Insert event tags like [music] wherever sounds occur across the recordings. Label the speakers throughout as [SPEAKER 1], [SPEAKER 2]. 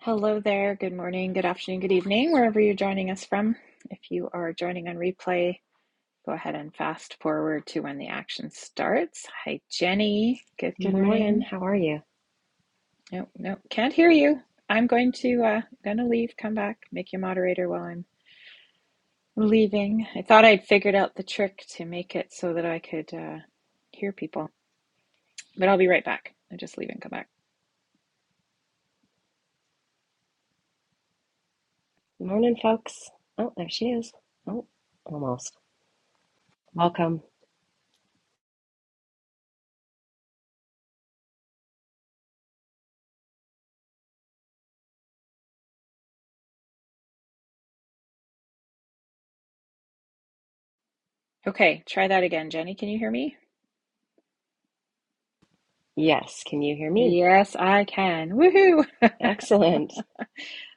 [SPEAKER 1] Hello there. Good morning, good afternoon, good evening, wherever you're joining us from. If you are joining on replay, go ahead and fast forward to when the action starts. Hi, Jenny. Good
[SPEAKER 2] Good morning.
[SPEAKER 1] morning.
[SPEAKER 2] How are you?
[SPEAKER 1] No, no, can't hear you. I'm going to uh, going to leave. Come back. Make you moderator while I'm leaving. I thought I'd figured out the trick to make it so that I could uh, hear people, but I'll be right back. I'm just leaving. Come back.
[SPEAKER 2] Good morning, folks. Oh, there she is. Oh, almost. Welcome.
[SPEAKER 1] Okay, try that again, Jenny. Can you hear me?
[SPEAKER 2] Yes, can you hear me?
[SPEAKER 1] Yes, I can. Woohoo! [laughs]
[SPEAKER 2] Excellent.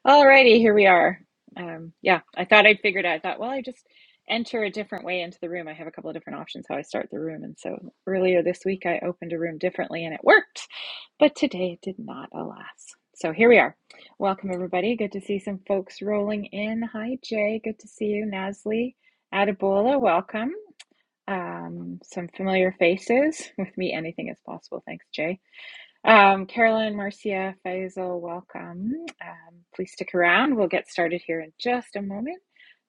[SPEAKER 1] Alrighty, here we are. Um, yeah, I thought I'd figured out. I thought, well, I just enter a different way into the room. I have a couple of different options how I start the room. And so earlier this week, I opened a room differently and it worked. But today it did not, alas. So here we are. Welcome, everybody. Good to see some folks rolling in. Hi, Jay. Good to see you. Nasli, Adibola, welcome. Um, some familiar faces. [laughs] With me, anything is possible. Thanks, Jay. Um, Carolyn, Marcia, Faisal, welcome. Um, please stick around. We'll get started here in just a moment.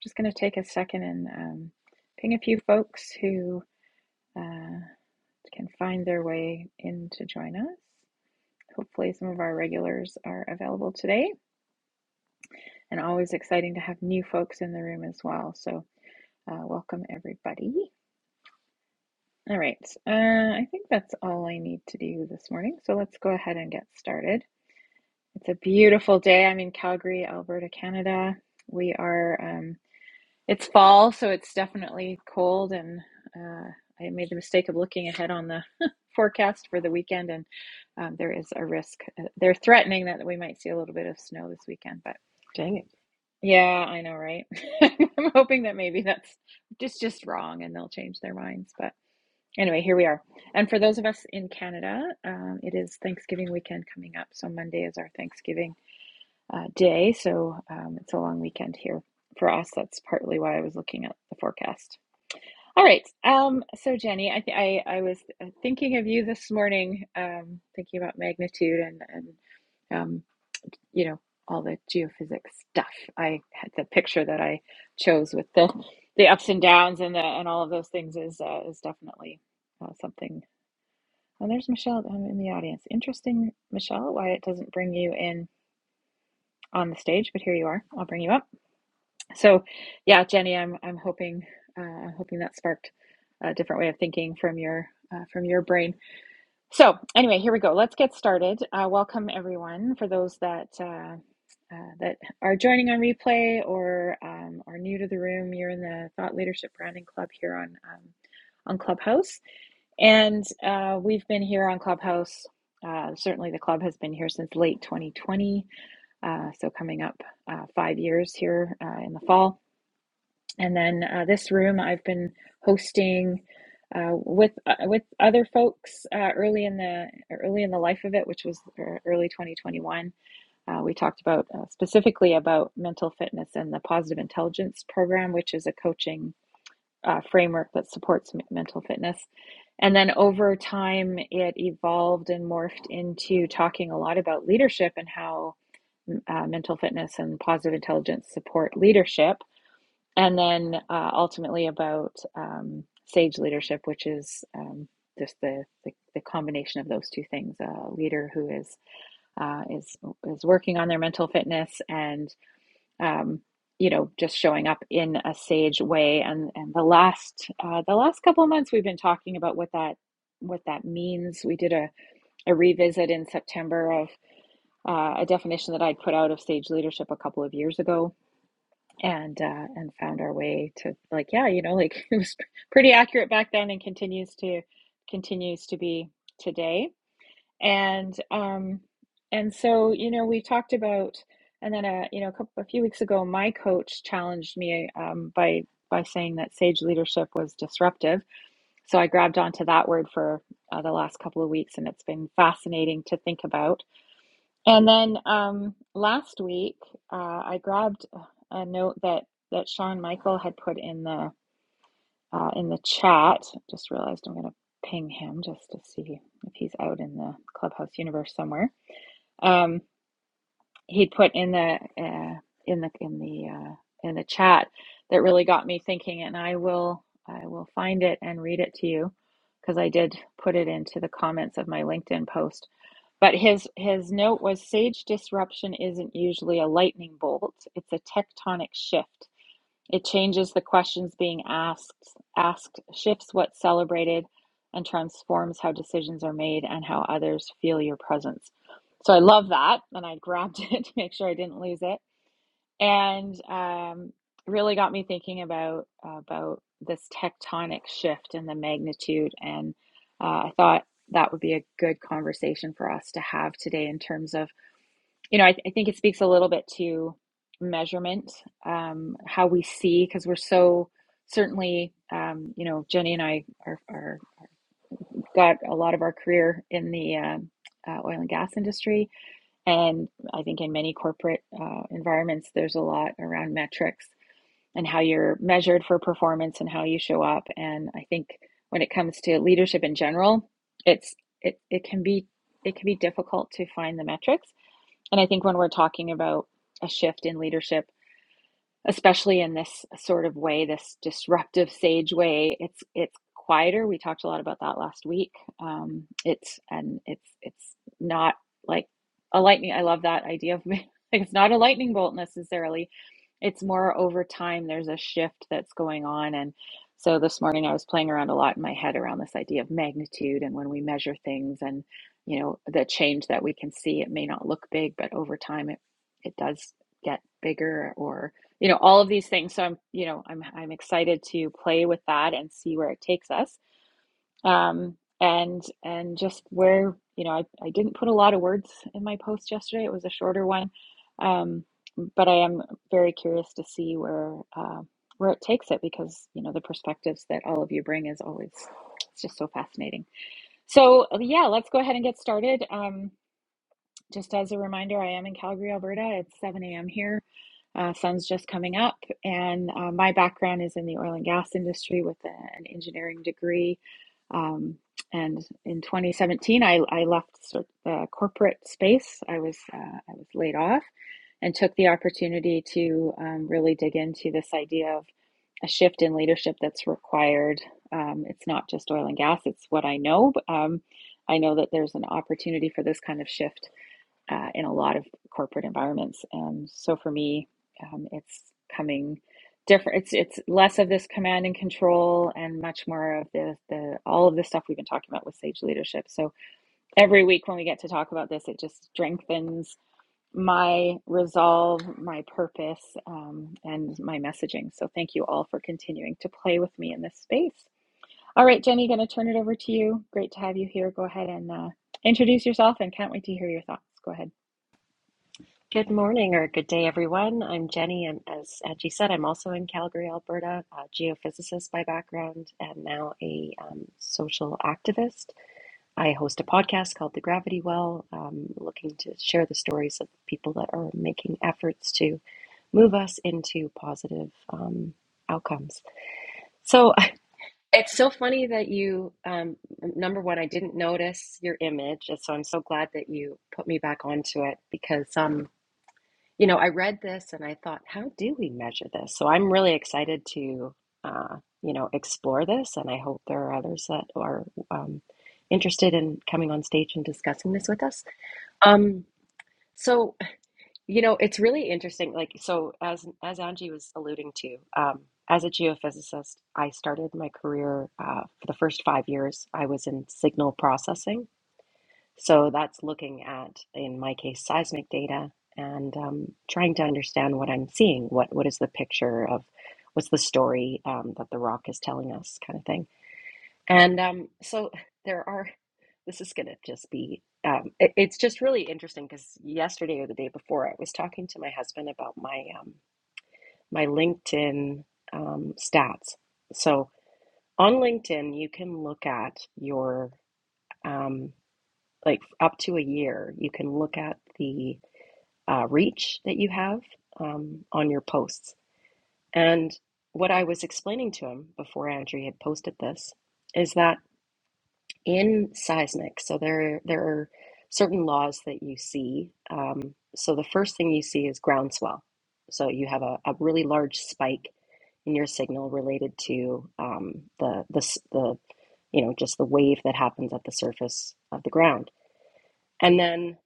[SPEAKER 1] just going to take a second and um, ping a few folks who uh, can find their way in to join us. Hopefully, some of our regulars are available today, and always exciting to have new folks in the room as well. So, uh, welcome everybody. All right, uh, I think that's all I need to do this morning. So, let's go ahead and get started. It's a beautiful day. I'm in Calgary, Alberta, Canada. We are, um, it's fall, so it's definitely cold. And uh, I made the mistake of looking ahead on the [laughs] forecast for the weekend, and um, there is a risk. Uh, They're threatening that we might see a little bit of snow this weekend, but
[SPEAKER 2] Dang it.
[SPEAKER 1] yeah, I know, right? [laughs] I'm hoping that maybe that's just just wrong and they'll change their minds. But anyway, here we are. And for those of us in Canada, um, it is Thanksgiving weekend coming up. So Monday is our Thanksgiving uh, day. So um, it's a long weekend here for us. That's partly why I was looking at the forecast. All right. Um, so Jenny, I, th- I I was uh, thinking of you this morning, um, thinking about magnitude and and um, you know all the geophysics stuff. I had the picture that I chose with the the ups and downs and the and all of those things is uh, is definitely uh, something. And there's Michelle um, in the audience. Interesting, Michelle, why it doesn't bring you in on the stage, but here you are. I'll bring you up. So, yeah, Jenny, I'm I'm hoping uh, I'm hoping that sparked a different way of thinking from your uh, from your brain. So, anyway, here we go. Let's get started. Uh, welcome everyone for those that uh, uh, that are joining on replay or um, are new to the room. You're in the Thought Leadership Branding Club here on um, on Clubhouse, and uh, we've been here on Clubhouse. Uh, certainly, the club has been here since late 2020, uh, so coming up uh, five years here uh, in the fall. And then uh, this room I've been hosting uh, with uh, with other folks uh, early in the early in the life of it, which was uh, early 2021. Uh, we talked about uh, specifically about mental fitness and the Positive Intelligence Program, which is a coaching uh, framework that supports m- mental fitness. And then over time, it evolved and morphed into talking a lot about leadership and how uh, mental fitness and positive intelligence support leadership and then uh, ultimately about um, sage leadership, which is um, just the, the the combination of those two things: a leader who is uh, is is working on their mental fitness and um, you know just showing up in a sage way. And and the last uh, the last couple of months, we've been talking about what that what that means. We did a, a revisit in September of uh, a definition that I'd put out of sage leadership a couple of years ago and uh, and found our way to like yeah you know like [laughs] it was pretty accurate back then and continues to continues to be today and um and so you know we talked about and then a you know a couple a few weeks ago my coach challenged me um by by saying that sage leadership was disruptive so I grabbed onto that word for uh, the last couple of weeks and it's been fascinating to think about and then um, last week, uh, I grabbed a note that that Sean Michael had put in the uh, in the chat. Just realized I'm going to ping him just to see if he's out in the clubhouse universe somewhere. Um, he'd put in the uh, in the in the uh, in the chat that really got me thinking, and I will I will find it and read it to you because I did put it into the comments of my LinkedIn post but his his note was sage disruption isn't usually a lightning bolt, it's a tectonic shift. It changes the questions being asked, asked shifts what's celebrated and transforms how decisions are made and how others feel your presence. So I love that and I grabbed [laughs] it to make sure I didn't lose it and um, really got me thinking about uh, about this tectonic shift and the magnitude. And uh, I thought that would be a good conversation for us to have today in terms of, you know, I, th- I think it speaks a little bit to measurement, um, how we see, because we're so certainly, um, you know, Jenny and I are, are got a lot of our career in the um uh, oil and gas industry, and I think in many corporate uh, environments, there's a lot around metrics and how you're measured for performance and how you show up. And I think when it comes to leadership in general, it's it, it can be it can be difficult to find the metrics. And I think when we're talking about a shift in leadership, especially in this sort of way, this disruptive sage way. It's it's quieter. We talked a lot about that last week. Um, it's and it's it's not like a lightning. I love that idea of [laughs] like it's not a lightning bolt necessarily. It's more over time. There's a shift that's going on, and so this morning I was playing around a lot in my head around this idea of magnitude and when we measure things and you know the change that we can see. It may not look big, but over time it it does get bigger or you know all of these things so i'm you know i'm i'm excited to play with that and see where it takes us um and and just where you know i, I didn't put a lot of words in my post yesterday it was a shorter one um but i am very curious to see where uh, where it takes it because you know the perspectives that all of you bring is always it's just so fascinating so uh, yeah let's go ahead and get started um just as a reminder i am in calgary alberta it's 7 a.m here uh, son's just coming up, and uh, my background is in the oil and gas industry with an engineering degree. Um, and in 2017, I, I left sort of the corporate space. I was uh, I was laid off and took the opportunity to um, really dig into this idea of a shift in leadership that's required. Um, it's not just oil and gas; it's what I know. But, um, I know that there's an opportunity for this kind of shift uh, in a lot of corporate environments. and so for me, um, it's coming different. It's it's less of this command and control and much more of the the all of the stuff we've been talking about with Sage Leadership. So every week when we get to talk about this, it just strengthens my resolve, my purpose, um, and my messaging. So thank you all for continuing to play with me in this space. All right, Jenny, going to turn it over to you. Great to have you here. Go ahead and uh, introduce yourself, and can't wait to hear your thoughts. Go ahead.
[SPEAKER 2] Good morning or good day, everyone. I'm Jenny, and as Angie said, I'm also in Calgary, Alberta, a geophysicist by background, and now a um, social activist. I host a podcast called The Gravity Well, um, looking to share the stories of people that are making efforts to move us into positive um, outcomes. So [laughs] It's so funny that you, um, number one, I didn't notice your image, and so I'm so glad that you put me back onto it because, um, you know, I read this and I thought, how do we measure this? So I'm really excited to, uh, you know, explore this, and I hope there are others that are um, interested in coming on stage and discussing this with us. Um, so. You know, it's really interesting. Like, so as as Angie was alluding to, um, as a geophysicist, I started my career uh, for the first five years. I was in signal processing, so that's looking at, in my case, seismic data and um, trying to understand what I'm seeing. What what is the picture of? What's the story um, that the rock is telling us, kind of thing. And um, so there are, this is going to just be, um, it, it's just really interesting because yesterday or the day before, I was talking to my husband about my um, my LinkedIn um, stats. So on LinkedIn, you can look at your um, like up to a year, you can look at the uh, reach that you have um, on your posts. And what I was explaining to him before Andrew had posted this is that. in seismic so there there are certain laws that you see um, so the first thing you see is groundswell so you have a, a really large spike in your signal related to um, the, the s- the you know just the wave that happens at the surface of the ground and then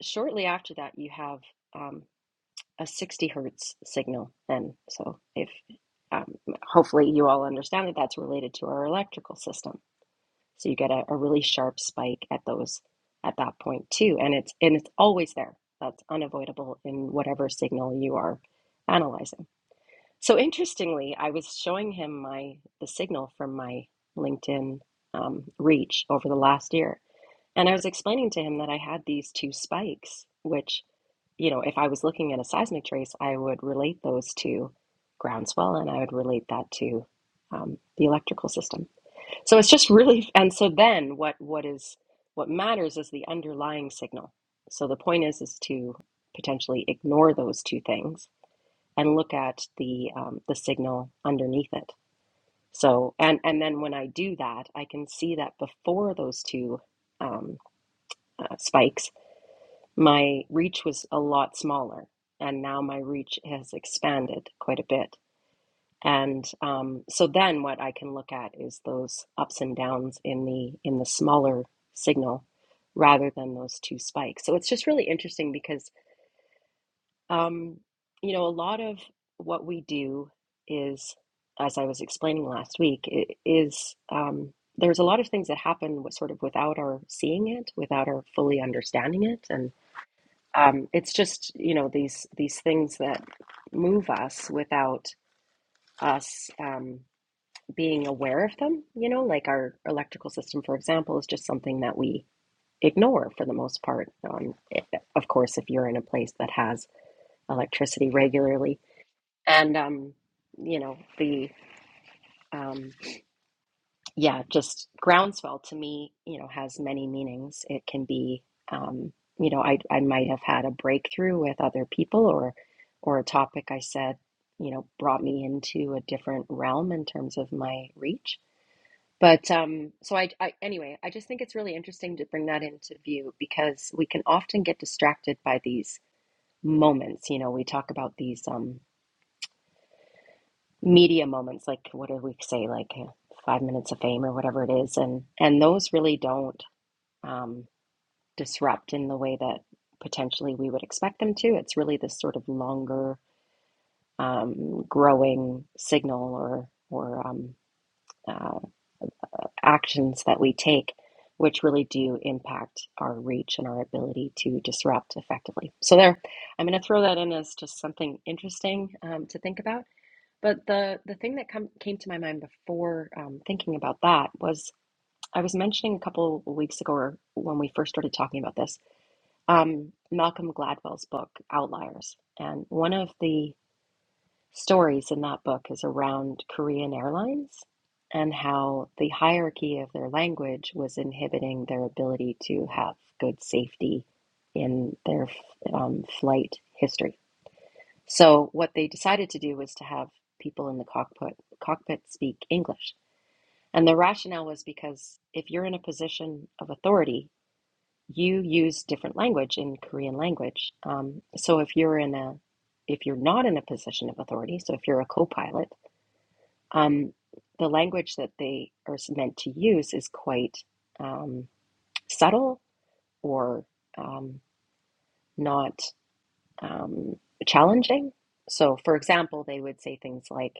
[SPEAKER 2] shortly after that you have um, a 60 hertz signal And so if um, hopefully you all understand that that's related to our electrical system so you get a, a really sharp spike at those at that point too. And it's and it's always there. That's unavoidable in whatever signal you are analyzing. So interestingly, I was showing him my the signal from my LinkedIn um, reach over the last year. And I was explaining to him that I had these two spikes, which, you know, if I was looking at a seismic trace, I would relate those to groundswell and I would relate that to um, the electrical system. So it's just really, [laughs] and so then what what is what matters is the underlying signal. So the point is is to potentially ignore those two things and look at the um, the signal underneath it. So and and then when I do that, I can see that before those two um, uh, spikes, my reach was a lot smaller, and now my reach has expanded quite a bit and um, so then what i can look at is those ups and downs in the in the smaller signal rather than those two spikes so it's just really interesting because um, you know a lot of what we do is as i was explaining last week i- is um, there's a lot of things that happen with, sort of without our seeing it without our fully understanding it and um, it's just you know these these things that move us without us. Um, being aware of them. You know, like our electrical system, for example, is just something that we ignore for the most part. Um, it- of course, if you're in a place that has electricity regularly, and um, you know the um, yeah, just groundswell to me, you know, has many meanings. It can be, um, you know, I I might have had a breakthrough with other people or or a topic I said, you know, brought me into a different realm in terms of my reach But um, so I, I, anyway, I just think it's really interesting to bring that into view because we can often get distracted by these moments. You know, we talk about these um, media moments, like what do we say, like uh, five minutes of fame or whatever it is, and and those really don't um, disrupt in the way that potentially we would expect them to. It's really this sort of longer, um, growing signal or or um, uh, actions that we take, which really do impact our reach and our ability to disrupt effectively. So there, I'm going to throw that in as just something interesting um, to think about. But the the thing that come, came to my mind before um, thinking about that was I was mentioning a couple of weeks ago or when we first started talking about this, um, Malcolm Gladwell's book Outliers, and one of the stories in that book is around Korean Airlines and how the hierarchy of their language was inhibiting their ability to have good safety in their um, flight history. So what they decided to do was to have people in the cockpit cockpit speak English. And the rationale was because if you're in a position of authority, you use different language in Korean language. Um, so if you're in a if you're not in a position of authority, so if you're a co-pilot um, the language that they are meant to use is quite um, subtle or um, not um, challenging. So, for example, they would say things like,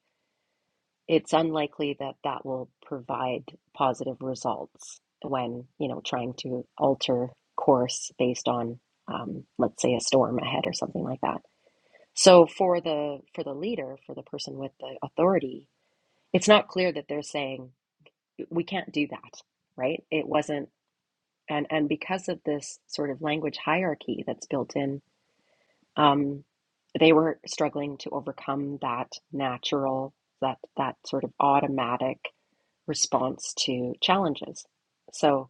[SPEAKER 2] it's unlikely that that will provide positive results when, you know, trying to alter course based on, um, let's say, a storm ahead or something like that. So for the for the leader, for the person with the authority, it's not clear that they're saying we can't do that right it wasn't and and because of this sort of language hierarchy that's built in um they were struggling to overcome that natural that that sort of automatic response to challenges so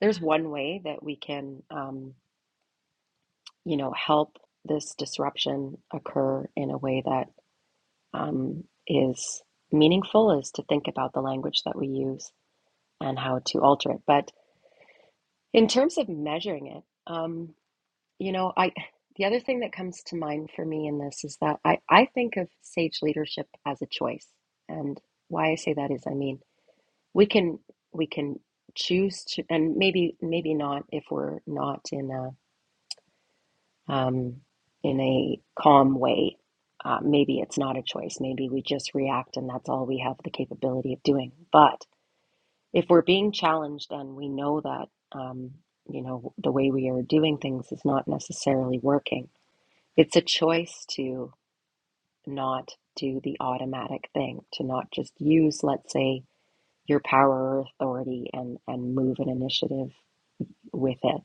[SPEAKER 2] there's one way that we can um you know help this disruption occur in a way that um is meaningful is to think about the language that we use and how to alter it but In terms of measuring it, um, you know, I the other thing that comes to mind for me in this is that I, I think of sage leadership as a choice. And why I say that is, I mean, we can we can choose to, and maybe maybe not if we're not in a um, in a calm way. Uh, maybe it's not a choice. Maybe we just react, and that's all we have the capability of doing. But if we're being challenged and we know that um, you know the way we are doing things is not necessarily working it's a choice to not do the automatic thing to not just use let's say your power or authority and and move an initiative with it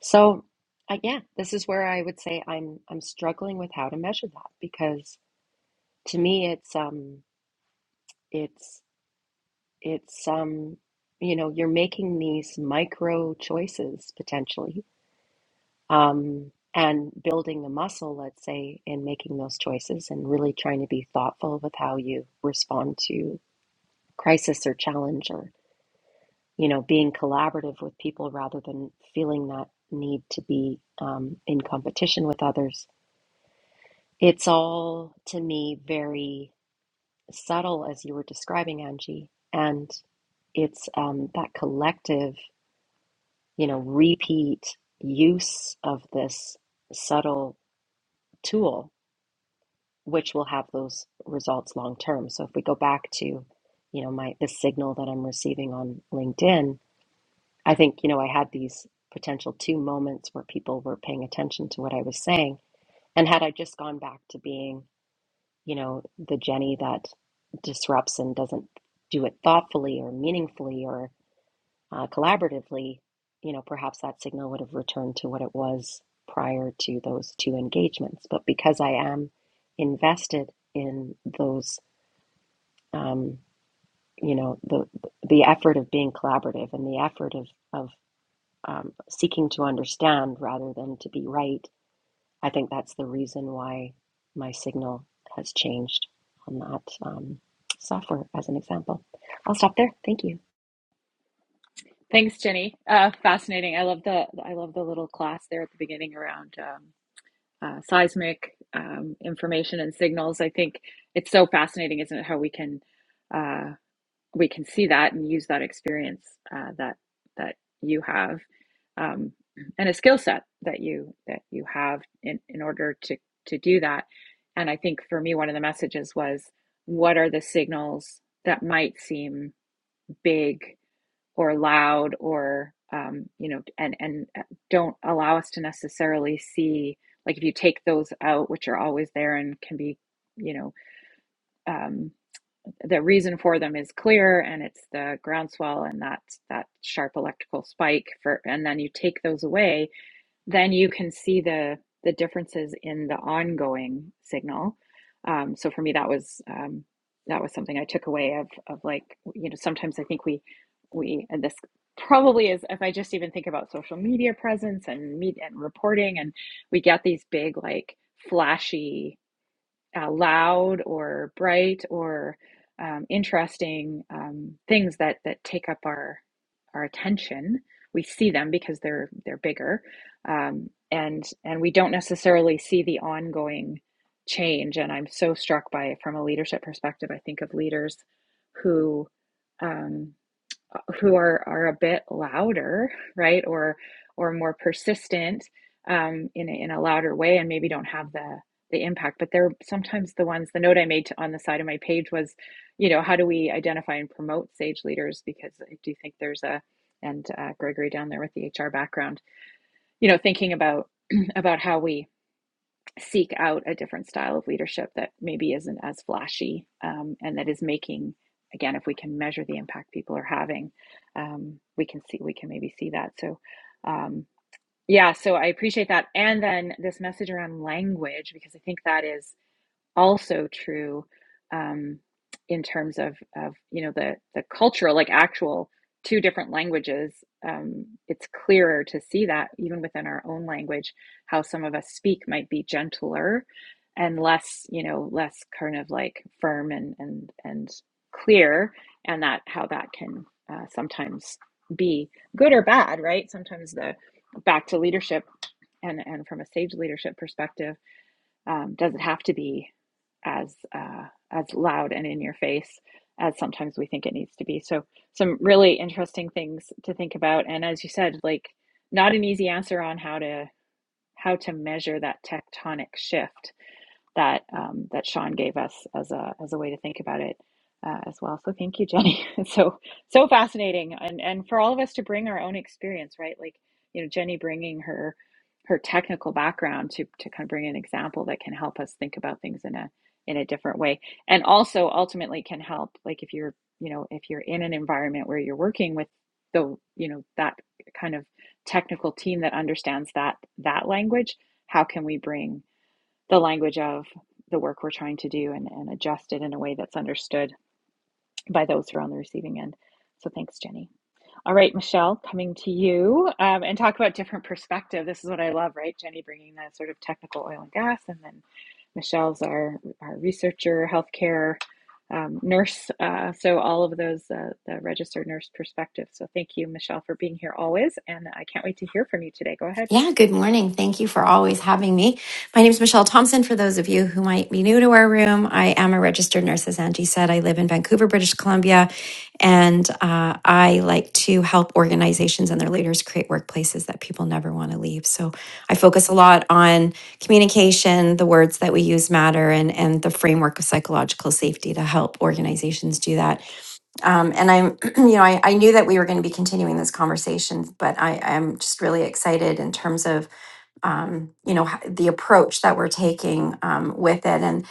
[SPEAKER 2] so uh, yeah this is where i would say i'm i'm struggling with how to measure that because to me it's um it's it's um you know you're making these micro choices potentially um, and building the muscle, let's say, in making those choices and really trying to be thoughtful with how you respond to crisis or challenge or, you know, being collaborative with people rather than feeling that need to be um, in competition with others. It's all, to me, very subtle, as you were describing, Angie. And it's um, that collective, you know, repeat use of this subtle tool which will have those results long term. So if we go back to, you know, my the signal that I'm receiving on LinkedIn, I think, you know, I had these potential two moments where people were paying attention to what I was saying. And had I just gone back to being, you know, the Jenny that disrupts and doesn't do it thoughtfully or meaningfully or uh, collaboratively, you know, perhaps that signal would have returned to what it was prior to those two engagements. But because I am invested in those um, you know the the effort of being collaborative and the effort of of um, seeking to understand rather than to be right. I think that's the reason why my signal has changed on that um, software as an example. I'll stop there. Thank you.
[SPEAKER 1] Thanks, Jenny. Uh, fascinating. I love the I love the little class there at the beginning around um, uh, seismic um, information and signals. I think it's so fascinating, isn't it? How we can uh, we can see that and use that experience uh, that that you have um, and a skill set that you that you have in in order to to do that. And I think for me, one of the messages was, what are the signals that might seem big? or loud or um, you know and and uh, don't allow us to necessarily see like if you take those out which are always there and can be you know um, the reason for them is clear and it's the groundswell and that that sharp electrical spike for and then you take those away then you can see the the differences in the ongoing signal. Um, so for me, that was um, that was something I took away of of like you know sometimes I think we we and this probably is if I just even think about social media presence and media and reporting and we get these big like flashy uh, loud or bright or um, interesting um, things that that take up our our attention. We see them because they're they're bigger, um, and and we don't necessarily see the ongoing change. And I'm so struck by it from a leadership perspective. I think of leaders who um, who are are a bit louder, right, or or more persistent um, in a, in a louder way, and maybe don't have the the impact. But they're sometimes the ones. The note I made to, on the side of my page was, you know, how do we identify and promote sage leaders? Because I do think there's a and uh, Gregory down there with the HR background, you know, thinking about [clears throat] about how we seek out a different style of leadership that maybe isn't as flashy um, and that is making again if we can measure the impact people are having um, we can see we can maybe see that so um, yeah so i appreciate that and then this message around language because i think that is also true um, in terms of of you know the the cultural like actual two different languages um, it's clearer to see that even within our own language how some of us speak might be gentler and less you know less kind of like firm and and and clear and that how that can uh, sometimes be good or bad right sometimes the back to leadership and and from a sage leadership perspective um, does it have to be as uh, as loud and in your face as sometimes we think it needs to be? So some really interesting things to think about. And as you said, like not an easy answer on how to how to measure that tectonic shift that um, that Sean gave us as a as a way to think about it uh, as well. So thank you, Jenny. [laughs] It's so so fascinating, and and for all of us to bring our own experience, right? Like you know, Jenny bringing her her technical background to to kind of bring an example that can help us think about things in a in a different way, and also ultimately can help. Like if you're you know if you're in an environment where you're working with the you know that kind of technical team that understands that that language, how can we bring the language of the work we're trying to do and, and adjust it in a way that's understood by those who are on the receiving end. So thanks, Jenny. All right, Michelle, coming to you um, and talk about different perspective. This is what I love, right? Jenny bringing that sort of technical oil and gas, and then Michelle's our, our researcher, healthcare um, nurse. Uh, so all of those, uh, the registered nurse perspective. So thank you, Michelle, for being here always. And I can't wait to hear from you today. Go ahead.
[SPEAKER 3] Yeah, good morning. Thank you for always having me. My name is Michelle Thompson. For those of you who might be new to our room, I am a registered nurse, as Angie said. I live in Vancouver, British Columbia, and uh, I like to help organizations and their leaders create workplaces that people never want to leave. So I focus a lot on communication, the words that we use matter, and, and the framework of psychological safety to help organizations do that um, and I'm, [clears throat] you know, I, I knew that we were going to be continuing this conversation, but I, I'm just really excited in terms of, um, you know, h- the approach that we're taking um, with it. and.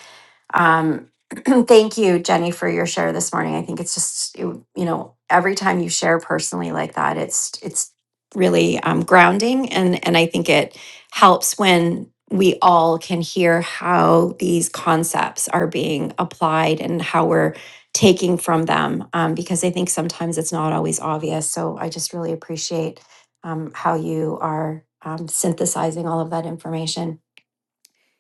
[SPEAKER 3] Um, [clears throat] thank you, Jenny, for your share this morning. I think it's just you you know every time you share personally like that, it's it's really um, grounding, and and I think it helps when we all can hear how these concepts are being applied and how we're taking from them um, because i think sometimes it's not always obvious so i just really appreciate um, how you are um, synthesizing all of that information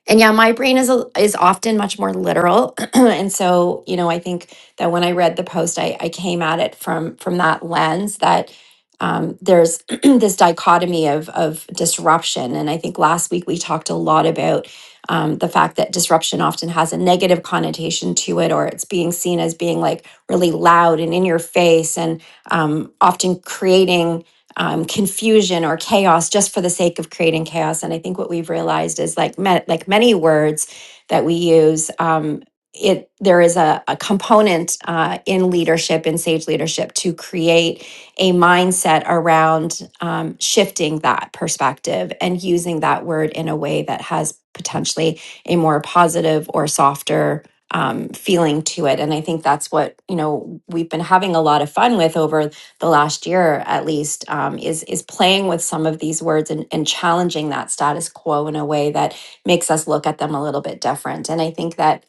[SPEAKER 3] and yeah, my brain is a, is often much more literal, [clears throat] and so you know, I think that when I read the post, I, I came at it from from that lens that um, there's [clears throat] this dichotomy of of disruption, and I think last week we talked a lot about um, the fact that disruption often has a negative connotation to it, or it's being seen as being like really loud and in your face, and um, often creating um, confusion or chaos just for the sake of creating chaos. And I think what we've realized is like ma- like many words that we use, um, it there is a, a component uh, in leadership in sage leadership to create a mindset around um, shifting that perspective and using that word in a way that has potentially a more positive or softer um, feeling to it and i think that's what you know we've been having a lot of fun with over the last year at least um, is is playing with some of these words and, and challenging that status quo in a way that makes us look at them a little bit different and i think that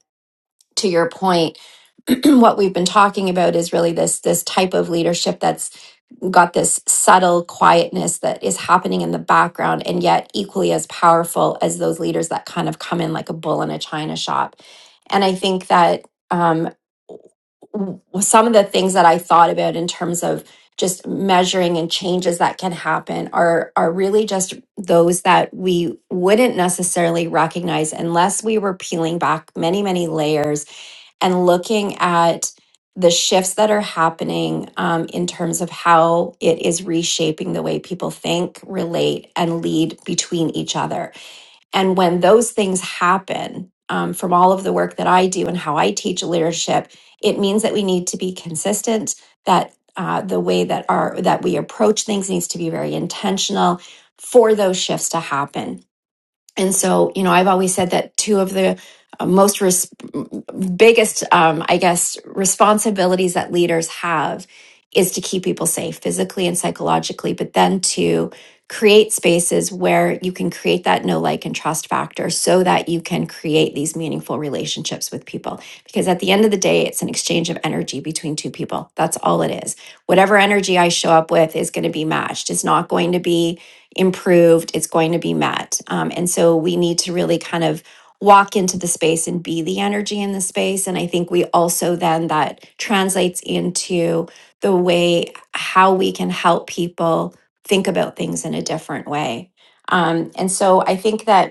[SPEAKER 3] to your point [clears throat] what we've been talking about is really this this type of leadership that's got this subtle quietness that is happening in the background and yet equally as powerful as those leaders that kind of come in like a bull in a china shop and i think that um, w- some of the things that i thought about in terms of just measuring and changes that can happen are are really just those that we wouldn't necessarily recognize unless we were peeling back many many layers and looking at the shifts that are happening um, in terms of how it is reshaping the way people think, relate, and lead between each other. And when those things happen, um, from all of the work that I do and how I teach leadership, it means that we need to be consistent. That uh, the way that our that we approach things needs to be very intentional for those shifts to happen and so, you know, I've always said that two of the uh, most res- biggest, um, I guess, responsibilities that leaders have is to keep people safe physically and psychologically, but then to create spaces where you can create that no like and trust factor so that you can create these meaningful relationships with people because at the end of the day it's an exchange of energy between two people that's all it is whatever energy i show up with is going to be matched it's not going to be improved, it's going to be met. Um, and so we need to really kind of walk into the space and be the energy in the space. And I think we also then that translates into the way how we can help people think about things in a different way. Um, and so I think that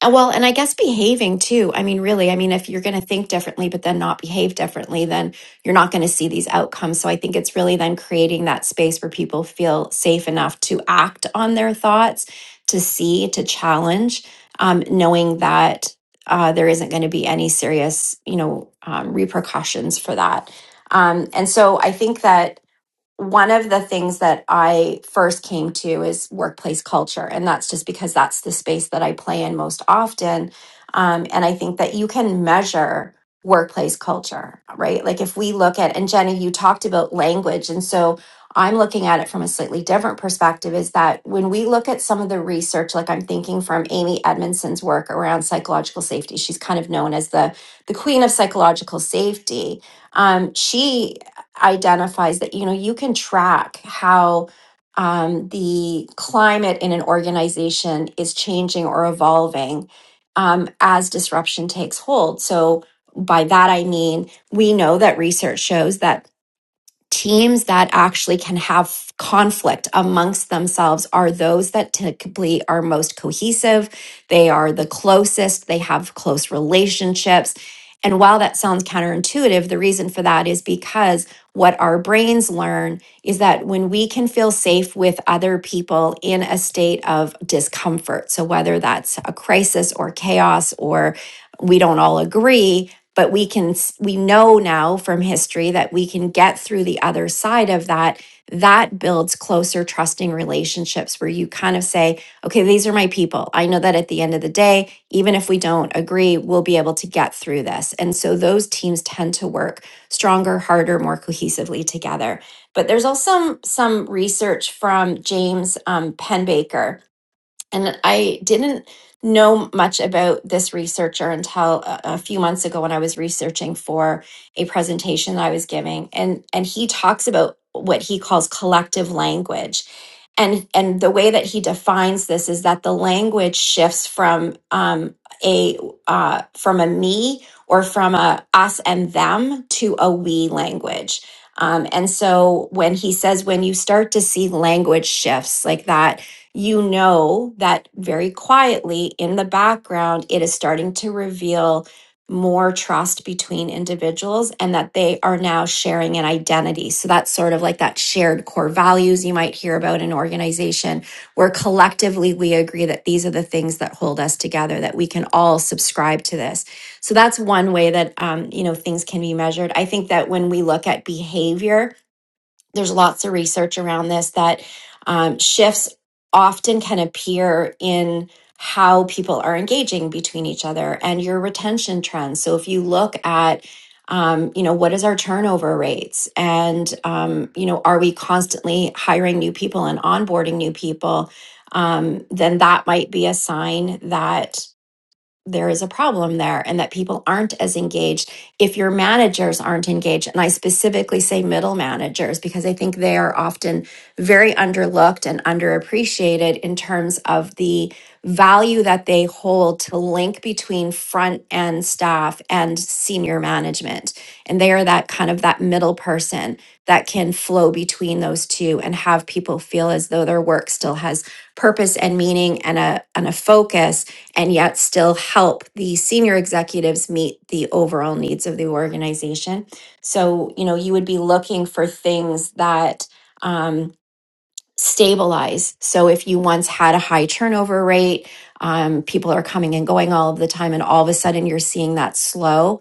[SPEAKER 3] uh, Well, and I guess behaving too. I mean, really, I mean, if you're going to think differently, but then not behave differently, then you're not going to see these outcomes. So I think it's really then creating that space where people feel safe enough to act on their thoughts, to see, to challenge, um, knowing that uh, there isn't going to be any serious, you know, um, repercussions for that. Um, and so I think that one of the things that I first came to is workplace culture. And that's just because that's the space that I play in most often. Um, and I think that you can measure workplace culture, right? Like if we look at, and Jenny, you talked about language. And so I'm looking at it from a slightly different perspective is that when we look at some of the research, like I'm thinking from Amy Edmondson's work around psychological safety, she's kind of known as the, the queen of psychological safety um, she identifies that you know you can track how um, the climate in an organization is changing or evolving um, as disruption takes hold. So by that I mean we know that research shows that teams that actually can have conflict amongst themselves are those that typically are most cohesive. They are the closest, they have close relationships. And while that sounds counterintuitive, the reason for that is because what our brains learn is that when we can feel safe with other people in a state of discomfort, so whether that's a crisis or chaos or we don't all agree, but we can we know now from history that we can get through the other side of that that builds closer trusting relationships where you kind of say okay these are my people i know that at the end of the day even if we don't agree we'll be able to get through this and so those teams tend to work stronger harder more cohesively together but there's also some some research from james um, penbaker and I didn't know much about this researcher until a, a few months ago when I was researching for a presentation that I was giving. And and he talks about what he calls collective language. And and the way that he defines this is that the language shifts from um, a uh, from a me or from a us and them to a we language. Um, and so when he says when you start to see language shifts like that you know that very quietly in the background, it is starting to reveal more trust between individuals and that they are now sharing an identity. So that's sort of like that shared core values you might hear about in organization where collectively we agree that these are the things that hold us together, that we can all subscribe to this. So that's one way that, um, you know, things can be measured. I think that when we look at behavior, there's lots of research around this that um, shifts often can appear in how people are engaging between each other and your retention trends. So if you look at um, you know what is our turnover rates and um, you know are we constantly hiring new people and onboarding new people um, then that might be a sign that there is a problem there and that people aren't as engaged if your managers aren't engaged and i specifically say middle managers because i think they are often very underlooked and underappreciated in terms of the value that they hold to link between front end staff and senior management and they are that kind of that middle person that can flow between those two and have people feel as though their work still has purpose and meaning and a and a focus and yet still help the senior executives meet the overall needs of the organization. So, you know, you would be looking for things that um, stabilize. So, if you once had a high turnover rate, um, people are coming and going all of the time, and all of a sudden you're seeing that slow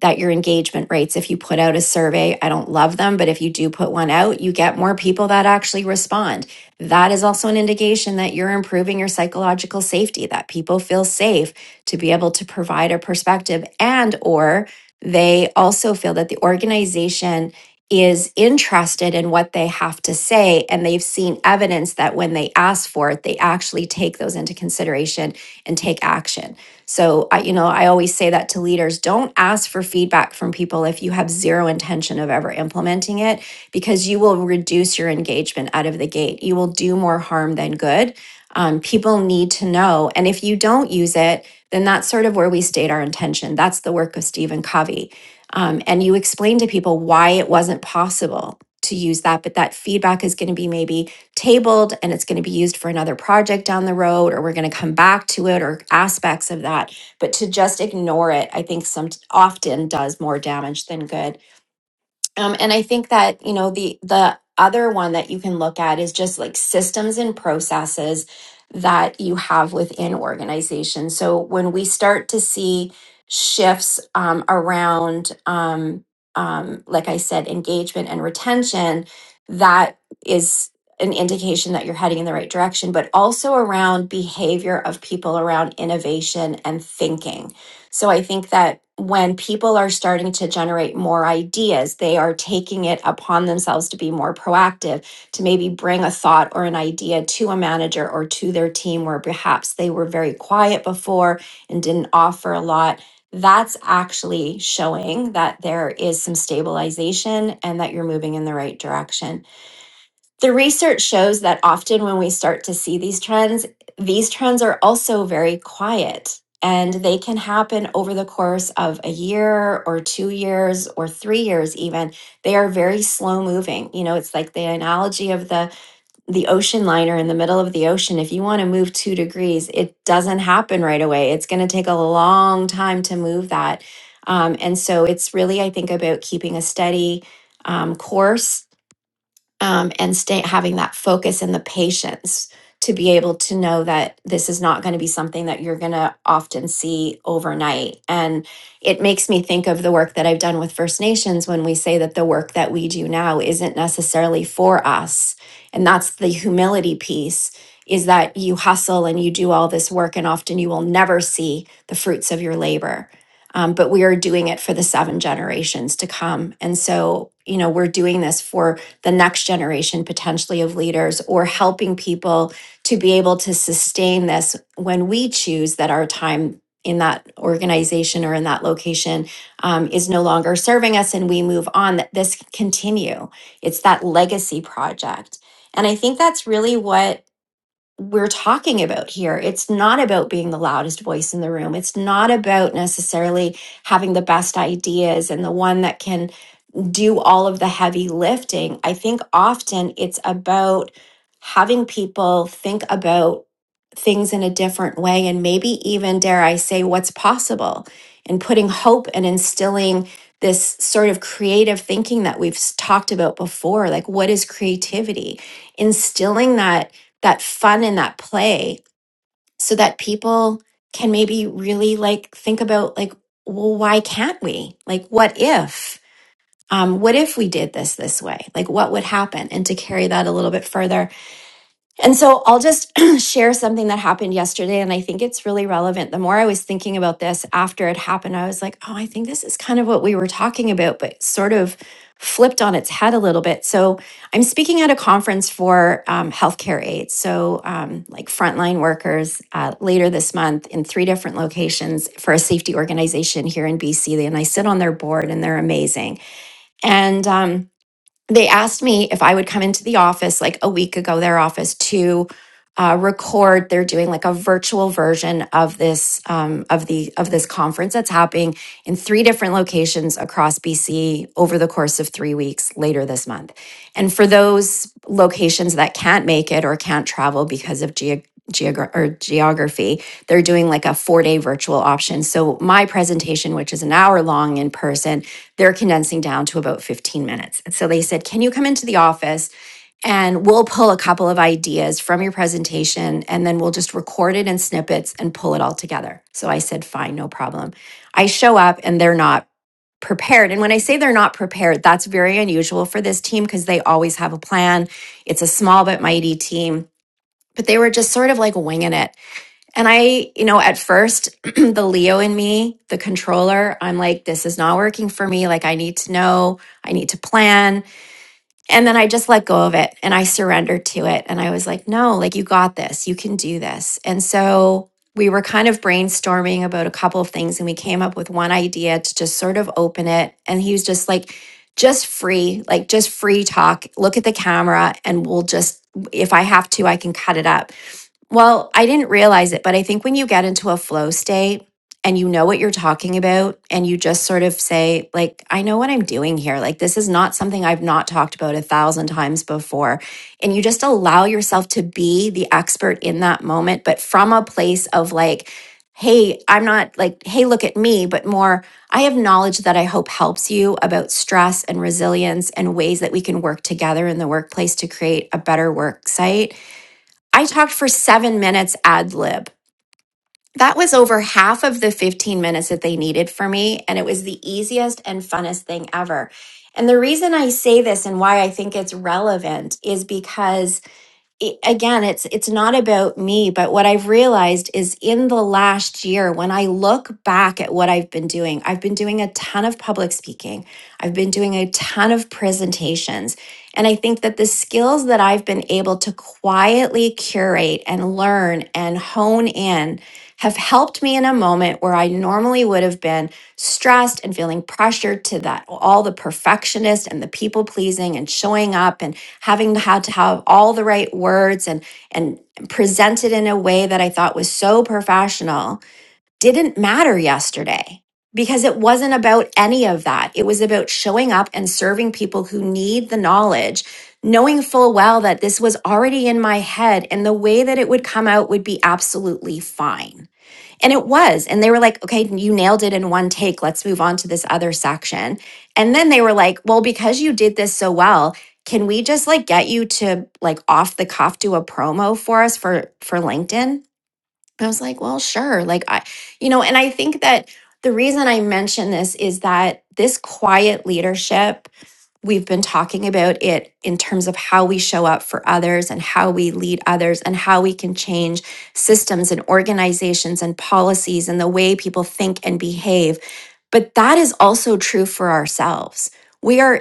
[SPEAKER 3] that your engagement rates, if you put out a survey, I don't love them, but if you do put one out, you get more people that actually respond. That is also an indication that you're improving your psychological safety, that people feel safe to be able to provide a perspective and or they also feel that the organization is interested in what they have to say and they've seen evidence that when they ask for it, they actually take those into consideration and take action. So I, you know, I always say that to leaders, don't ask for feedback from people if you have zero intention of ever implementing it, because you will reduce your engagement out of the gate. You will do more harm than good. Um, people need to know. And if you don't use it, then that's sort of where we state our intention. That's the work of Stephen Covey. Um, and you explain to people why it wasn't possible to use that, but that feedback is going to be maybe tabled and it's going to be used for another project down the road or we're going to come back to it or aspects of that but to just ignore it i think some often does more damage than good um, and I think that, you know, the the other one that you can look at is just like systems and processes that you have within organizations. So when we start to see shifts um, around, um, um, like I said, engagement and retention, that is an indication that you're heading in the right direction, but also around behavior of people around innovation and thinking so I think that when people are starting to generate more ideas, they are taking it upon themselves to be more proactive, to maybe bring a thought or an idea to a manager or to their team where perhaps they were very quiet before and didn't offer a lot. That's actually showing that there is some stabilization and that you're moving in the right direction. The research shows that often when we start to see these trends, these trends are also very quiet and they can happen over the course of a year or two years or three years even they are very slow moving you know it's like the analogy of the the ocean liner in the middle of the ocean if you want to move two degrees it doesn't happen right away it's going to take a long time to move that um, and so it's really i think about keeping a steady um, course um, and stay having that focus and the patience to be able to know that this is not going to be something that you're going to often see overnight and it makes me think of the work that i've done with first nations when we say that the work that we do now isn't necessarily for us and that's the humility piece is that you hustle and you do all this work and often you will never see the fruits of your labor um, but we are doing it for the seven generations to come and so you know we're doing this for the next generation potentially of leaders or helping people to be able to sustain this when we choose that our time in that organization or in that location um, is no longer serving us and we move on that this can continue it's that legacy project and i think that's really what we're talking about here it's not about being the loudest voice in the room it's not about necessarily having the best ideas and the one that can do all of the heavy lifting. I think often it's about having people think about things in a different way and maybe even, dare I say, what's possible and putting hope and instilling this sort of creative thinking that we've s- talked about before like what is creativity instilling that that fun and that play so that people can maybe really like think about like well why can't we like what if um, what if we did this this way? Like, what would happen? And to carry that a little bit further. And so I'll just [clears throat] share something that happened yesterday. And I think it's really relevant. The more I was thinking about this after it happened, I was like, oh, I think this is kind of what we were talking about, but sort of flipped on its head a little bit. So I'm speaking at a conference for um, healthcare aides. So, um, like frontline workers uh, later this month in three different locations for a safety organization here in BC. And I sit on their board and they're amazing and um, they asked me if I would come into the office like a week ago, their office, to uh, record. They're doing like a virtual version of this um, of the of this conference that's happening in three different locations across BC over the course of three weeks later this month. And for those locations that can't make it or can't travel because of geo geogra- or geography, they're doing like a four day virtual option. So my presentation, which is an hour long in person, they're condensing down to about 15 minutes. And so they said, Can you come into the office? And we'll pull a couple of ideas from your presentation and then we'll just record it in snippets and pull it all together. So I said, Fine, no problem. I show up and they're not prepared. And when I say they're not prepared, that's very unusual for this team because they always have a plan. It's a small but mighty team but they were just sort of like winging it. And I, you know, at first, [clears throat] the Leo in me, the controller, I'm like, this is not working for me. Like, I need to know, I need to plan. And then I just let go of it and I surrendered to it. And I was like, no, like, you got this, you can do this. And so we were kind of brainstorming about a couple of things and we came up with one idea to just sort of open it. And he was just like, just free, like, just free talk, look at the camera, and we'll just, if I have to, I can cut it up. Well, I didn't realize it, but I think when you get into a flow state and you know what you're talking about, and you just sort of say, like, I know what I'm doing here. Like, this is not something I've not talked about a thousand times before. And you just allow yourself to be the expert in that moment, but from a place of like, hey, I'm not like, hey, look at me, but more, I have knowledge that I hope helps you about stress and resilience and ways that we can work together in the workplace to create a better work site I talked for seven minutes ad lib. That was over half of the 15 minutes that they needed for me. And it was the easiest and funnest thing ever. And the reason I say this and why I think it's relevant is because i- again it's it's not about me but what i've realized is in the last year when i look back at what i've been doing i've been doing a ton of public speaking i've been doing a ton of presentations and i think that the skills that i've been able to quietly curate and learn and hone in have helped me in a moment where I normally would have been stressed and feeling pressured to that all the perfectionist and the people pleasing and showing up and having had to have all the right words and and presented in a way that I thought was so professional didn't matter yesterday because it wasn't about any of that. It was about showing up and serving people who need the knowledge. Knowing full well that this was already in my head and the way that it would come out would be absolutely fine. And it was. And they were like, okay, you nailed it in one take. Let's move on to this other section. And then they were like, well, because you did this so well, can we just like get you to like off the cuff do a promo for us for for LinkedIn? I was like, well, sure. Like I, you know, and I think that the reason I mention this is that this quiet leadership We've been talking about it in terms of how we show up for others and how we lead others and how we can change systems and organizations and policies and the way people think and behave. But that is also true for ourselves. We are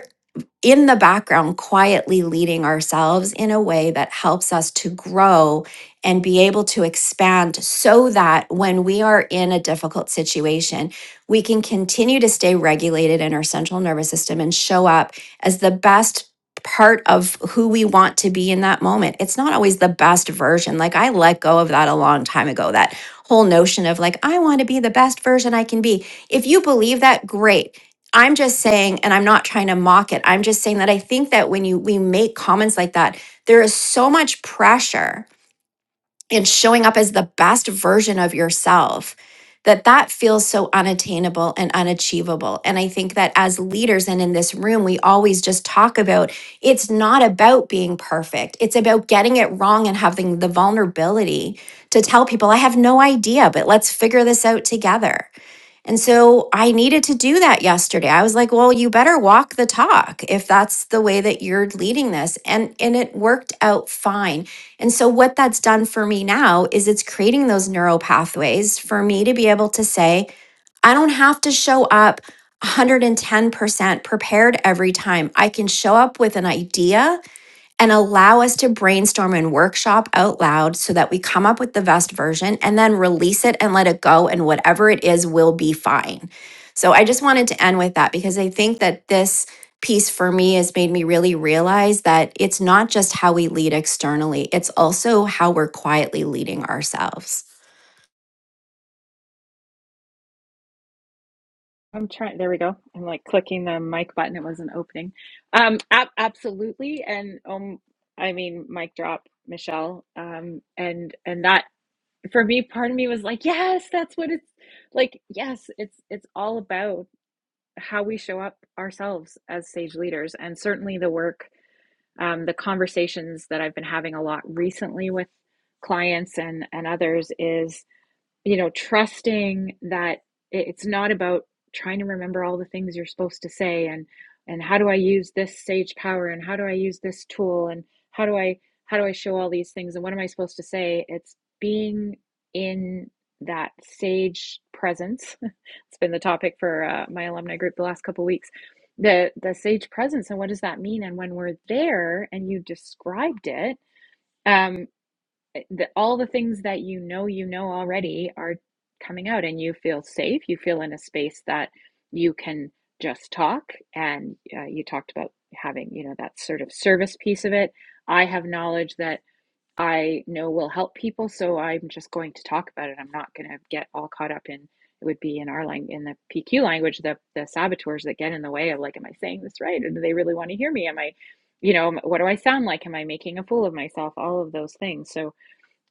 [SPEAKER 3] in the background, quietly leading ourselves in a way that helps us to grow and be able to expand so that when we are in a difficult situation, we can continue to stay regulated in our central nervous system and show up as the best part of who we want to be in that moment. It's not always the best version. Like I let go of that a long time ago, that whole notion of like, I want to be the best version I can be. If you believe that, great I'm just saying, and I'm not trying to mock it. I'm just saying that I think that when you we make comments like that, there is so much pressure in showing up as the best version of yourself that that feels so unattainable and unachievable. And I think that as leaders and in this room, we always just talk about it's not about being perfect. It's about getting it wrong and having the vulnerability to tell people, I have no idea, but let's figure this out together and so I needed to do that yesterday. I was like, well, you better walk the talk if that's the way that you're leading this. And and it worked out fine. And so what that's done for me now is it's creating those neural pathways for me to be able to say, I don't have to show up 110% prepared every time. I can show up with an idea and allow us to brainstorm and workshop out loud so that we come up with the best version and then release it and let it go. And whatever it is will be fine. So I just wanted to end with that because I think that this piece for me has made me really realize that it's not just how we lead externally, it's also how we're quietly leading ourselves.
[SPEAKER 1] I'm trying. There we go. I'm like clicking the mic button. It wasn't opening. Um, ab- absolutely. And um, I mean, mic drop, Michelle. Um, and and that for me, part of me was like, yes, that's what it's like. Yes, it's it's all about how we show up ourselves as sage leaders, and certainly the work, um, the conversations that I've been having a lot recently with clients and and others is you know, trusting that it's not about trying to remember all the things you're supposed to say and and how do I use this sage power and how do I use this tool and how do I how do I show all these things and what am I supposed to say? It's being in that sage presence. [laughs] it's been the topic for uh, my alumni group the last couple of weeks. The the sage presence and what does that mean? And when we're there, and you described it, um the, all the things that you know you know already are coming out and you feel safe you feel in a space that you can just talk and uh, you talked about having you know that sort of service piece of it i have knowledge that i know will help people so i'm just going to talk about it i'm not going to get all caught up in it would be in our language in the pq language the the saboteurs that get in the way of like am i saying this right or do they really want to hear me am i you know what do i sound like am i making a fool of myself all of those things so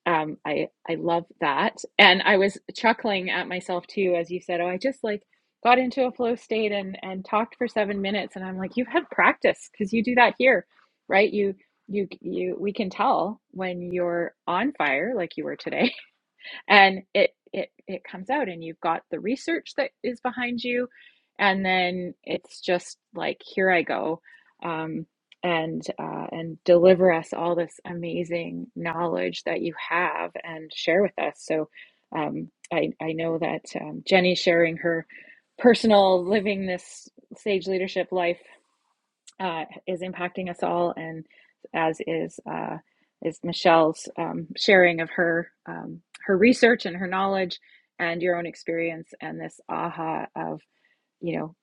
[SPEAKER 1] um, I I love that, and I was chuckling at myself too as you said, "Oh, I just like got into a flow state and and talked for seven minutes," and I'm like, "You've had practice because you do that here, right? You you you we can tell when you're on fire, like you were today, and it it it comes out and you've got the research that is behind you and then it's just like here i go um, and uh, and deliver us all this amazing knowledge that you have and share with us so um, I, I know that um, jenny sharing her personal living this sage leadership life uh, is impacting us all, and as is uh, is Michelle's um, sharing of her um, her research and her knowledge and your own experience and this aha of you know,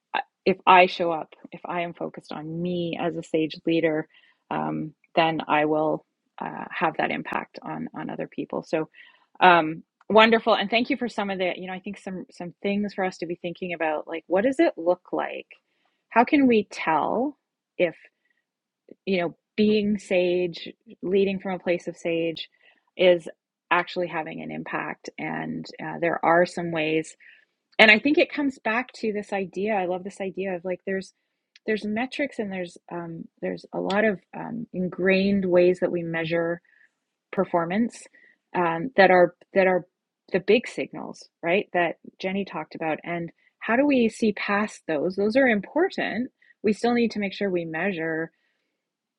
[SPEAKER 1] if I show up, if I am focused on me as a sage leader, um, then I will uh, have that impact on on other people. So um, wonderful, and thank you for some of the, you know, I think some some things for us to be thinking about, like what does it look like? How can we tell if you know being sage, leading from a place of sage, is actually having an impact? And uh, there are some ways and i think it comes back to this idea i love this idea of like there's there's metrics and there's um, there's a lot of um, ingrained ways that we measure performance um, that are that are the big signals right that jenny talked about and how do we see past those those are important we still need to make sure we measure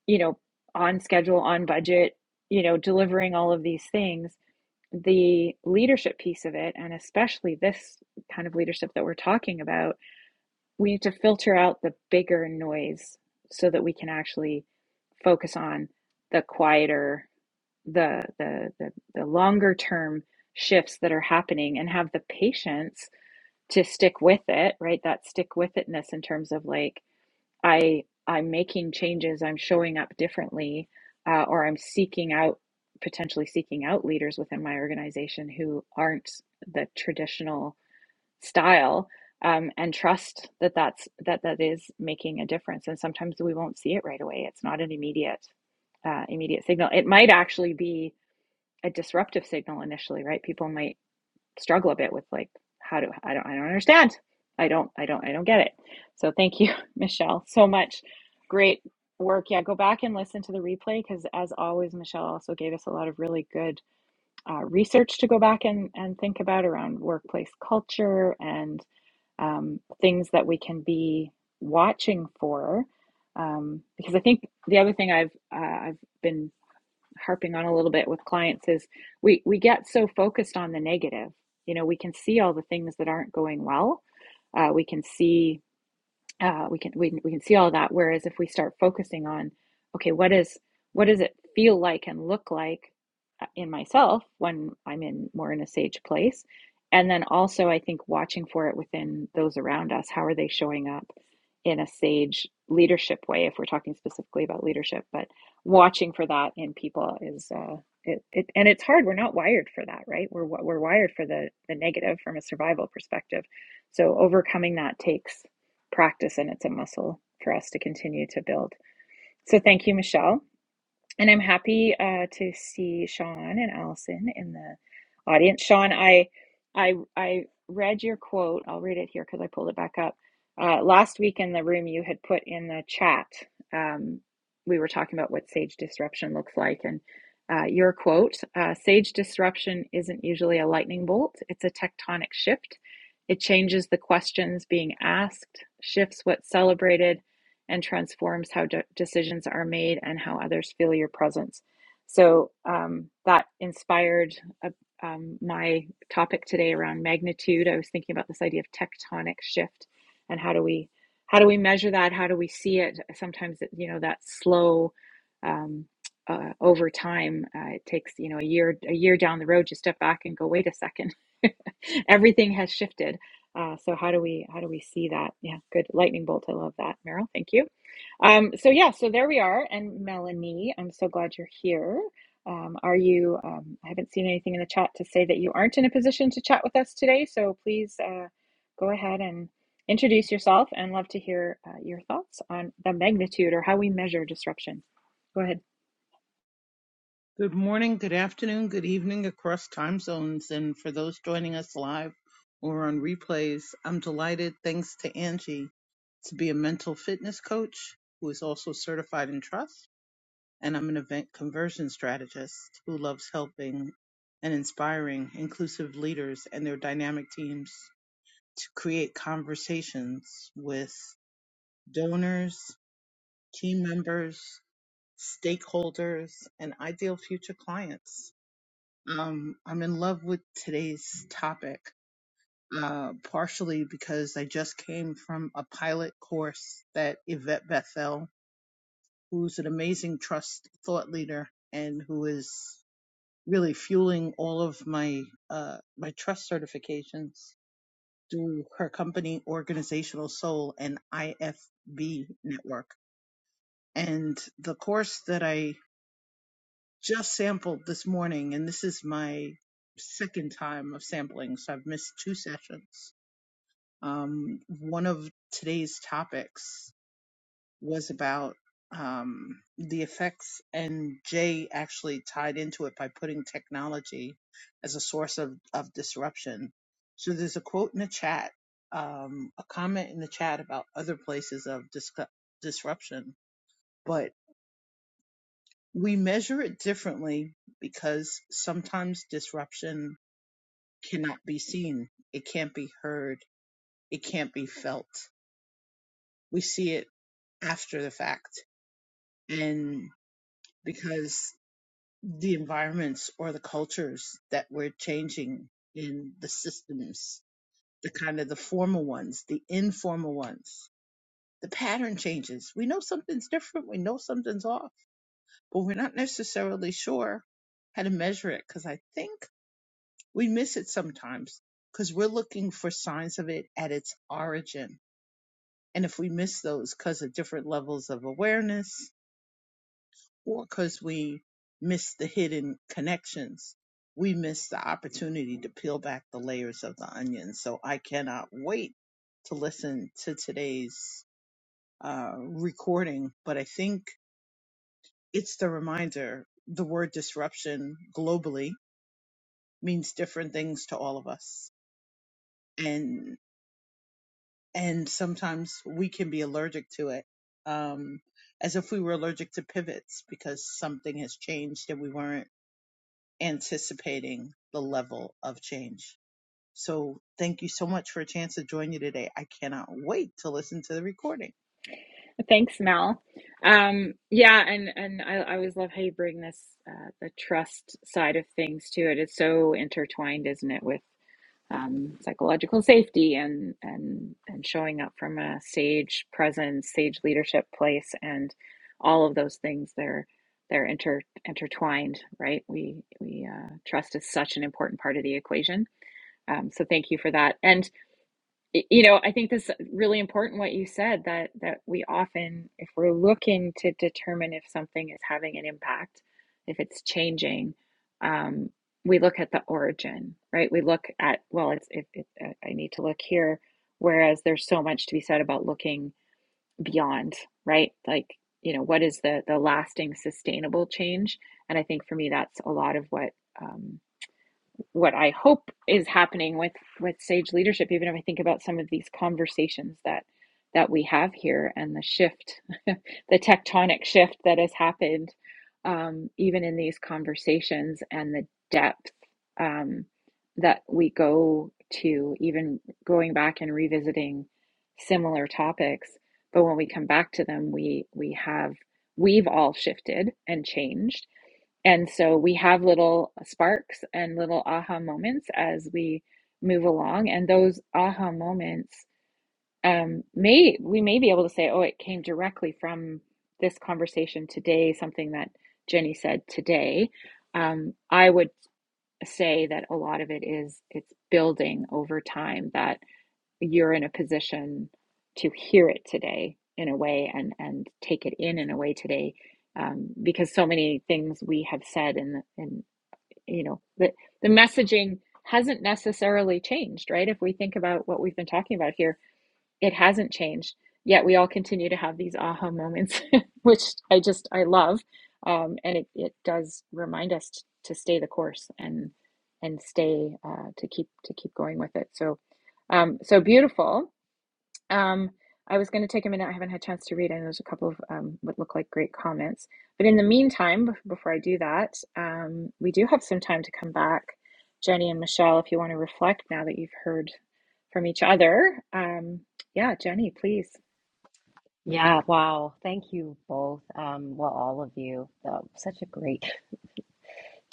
[SPEAKER 1] you know on schedule on budget you know delivering all of these things the leadership piece of it, and especially this kind of leadership that we're talking about, we need to filter out the bigger noise so that we can actually focus on the quieter, the the the, the longer term shifts that are happening and have the patience to stick with it, right? That stick with itness in terms of like I I'm making changes, I'm showing up differently, uh, or I'm seeking out potentially seeking out leaders within my organization who aren't the traditional style, um, and trust that that's that that is making a difference. And sometimes we won't see it right away. It's not an immediate uh, immediate signal. It might actually be a disruptive signal initially, right? People might struggle a bit with like how do I don't I don't understand. I don't I don't I don't get it. So thank you, [laughs] Michelle, so much. Great work. Yeah, go back and listen to the replay because as always, Michelle also gave us a lot of really good uh, research to go back and and think about around workplace culture and um, things that we can be watching for. Um, because I think the other thing I've uh, I've been harping on a little bit with clients is we we get so focused on the negative. You know, we can see all the things that aren't going well. Uh, we can see uh, we can we, we can see all that whereas if we start focusing on okay what is what does it feel like and look like uh, in myself when i'm in more in a sage place and then also i think watching for it within those around us how are they showing up in a sage leadership way if we're talking specifically about leadership but watching for that in people is uh it, it and it's hard we're not wired for that right we're we're wired for the the negative from a survival perspective so overcoming that takes practice and it's a muscle for us to continue to build. So thank you, Michelle. And I'm happy uh, to see Sean and Allison in the audience. Sean, I, I, I read your quote. I'll read it here because I pulled it back up. Uh, last week in the room, you had put in the chat. Um, we were talking about what sage disruption looks like, and uh, your quote: uh, "Sage disruption isn't usually a lightning bolt; it's a tectonic shift. It changes the questions being asked, shifts what's celebrated." and transforms how de- decisions are made and how others feel your presence. So um, that inspired uh, um, my topic today around magnitude. I was thinking about this idea of tectonic shift and how do we how do we measure that? How do we see it? Sometimes it, you know that slow. Um, uh, over time, uh, it takes you know a year a year down the road. You step back and go, wait a second, [laughs] everything has shifted uh, so how do we how do we see that? Yeah, good lightning bolt. I love that, Meryl. Thank you. Um, so yeah, so there we are. And Melanie, I'm so glad you're here. Um, are you? Um, I haven't seen anything in the chat to say that you aren't in a position to chat with us today. So please uh, go ahead and introduce yourself, and love to hear uh, your thoughts on the magnitude or how we measure disruption. Go ahead.
[SPEAKER 4] Good morning, good afternoon, good evening across time zones. And for those joining us live or on replays, I'm delighted, thanks to Angie, to be a mental fitness coach who is also certified in trust. And I'm an event conversion strategist who loves helping and inspiring inclusive leaders and their dynamic teams to create conversations with donors, team members, stakeholders, and ideal future clients um, I'm in love with today's topic, uh, partially because I just came from a pilot course that Yvette Bethel, who's an amazing trust thought leader and who is really fueling all of my uh, my trust certifications through her company Organizational Soul and IFB Network. And the course that I just sampled this morning, and this is my second time of sampling, so I've missed two sessions. Um, one of today's topics was about um, the effects, and Jay actually tied into it by putting technology as a source of, of disruption. So there's a quote in the chat, um, a comment in the chat about other places of dis- disruption, but We measure it differently because sometimes disruption cannot be seen. It can't be heard. It can't be felt. We see it after the fact. And because the environments or the cultures that we're changing in the systems, the kind of the formal ones, the informal ones, the pattern changes. We know something's different. We know something's off, but we're not necessarily sure how to measure it because I think We miss it sometimes because we're looking for signs of it at its origin. And if we miss those because of different levels of awareness or because we miss the hidden connections, we miss the opportunity to peel back the layers of the onion. So I cannot wait to listen to today's uh, recording. But I think it's the reminder the word disruption globally means different things to all of us. and sometimes we can be allergic to it um, as if we were allergic to pivots because something has changed and we weren't anticipating the level of change so thank you so much for a chance to join you today i cannot wait to listen to the recording
[SPEAKER 1] Thanks, Mel. Um, yeah, and and I, I always love how you bring this uh, the trust side of things to it. It's so intertwined, isn't it, with um, psychological safety and and and showing up from a sage presence, sage leadership place, and all of those things. They're they're inter intertwined, right? We we uh, trust is such an important part of the equation. Um, so thank you for that. And you know i think this is really important what you said that that we often if we're looking to determine if something is having an impact if it's changing um, we look at the origin right we look at well it's if it, i I need to look here whereas there's so much to be said about looking beyond right like you know what is the the lasting sustainable change and i think for me that's a lot of what um, what I hope is happening with with sage leadership even if I think about some of these conversations that that we have here and the shift [laughs] the tectonic shift that has happened um, even in these conversations and the depth um, that we go to even going back and revisiting similar topics but when we come back to them we we have we've all shifted and changed and so we have little sparks and little aha moments as we move along. And those aha moments um, may, we may be able to say, oh, it came directly from this conversation today, something that Jenny said today. Um, I would say that a lot of it is it's building over time that you're in a position to hear it today in a way and and take it in in a way today um, because so many things we have said in the- in you know the the messaging hasn't necessarily changed right if we think about what we've been talking about here it hasn't changed yet we all continue to have these aha moments [laughs] which i just i love um, and it, it does remind us t- to stay the course and and stay uh, to keep to keep going with it so um, so beautiful um, I was going to take a minute. I haven't had a chance to read, and there's a couple of um, what look like great comments. But in the meantime, before I do that, um, we do have some time to come back, Jenny and Michelle, if you want to reflect now that you've heard from each other. Um, yeah, Jenny, please.
[SPEAKER 2] Yeah, wow. Thank you both. Um, well, all of you. Oh, such a great,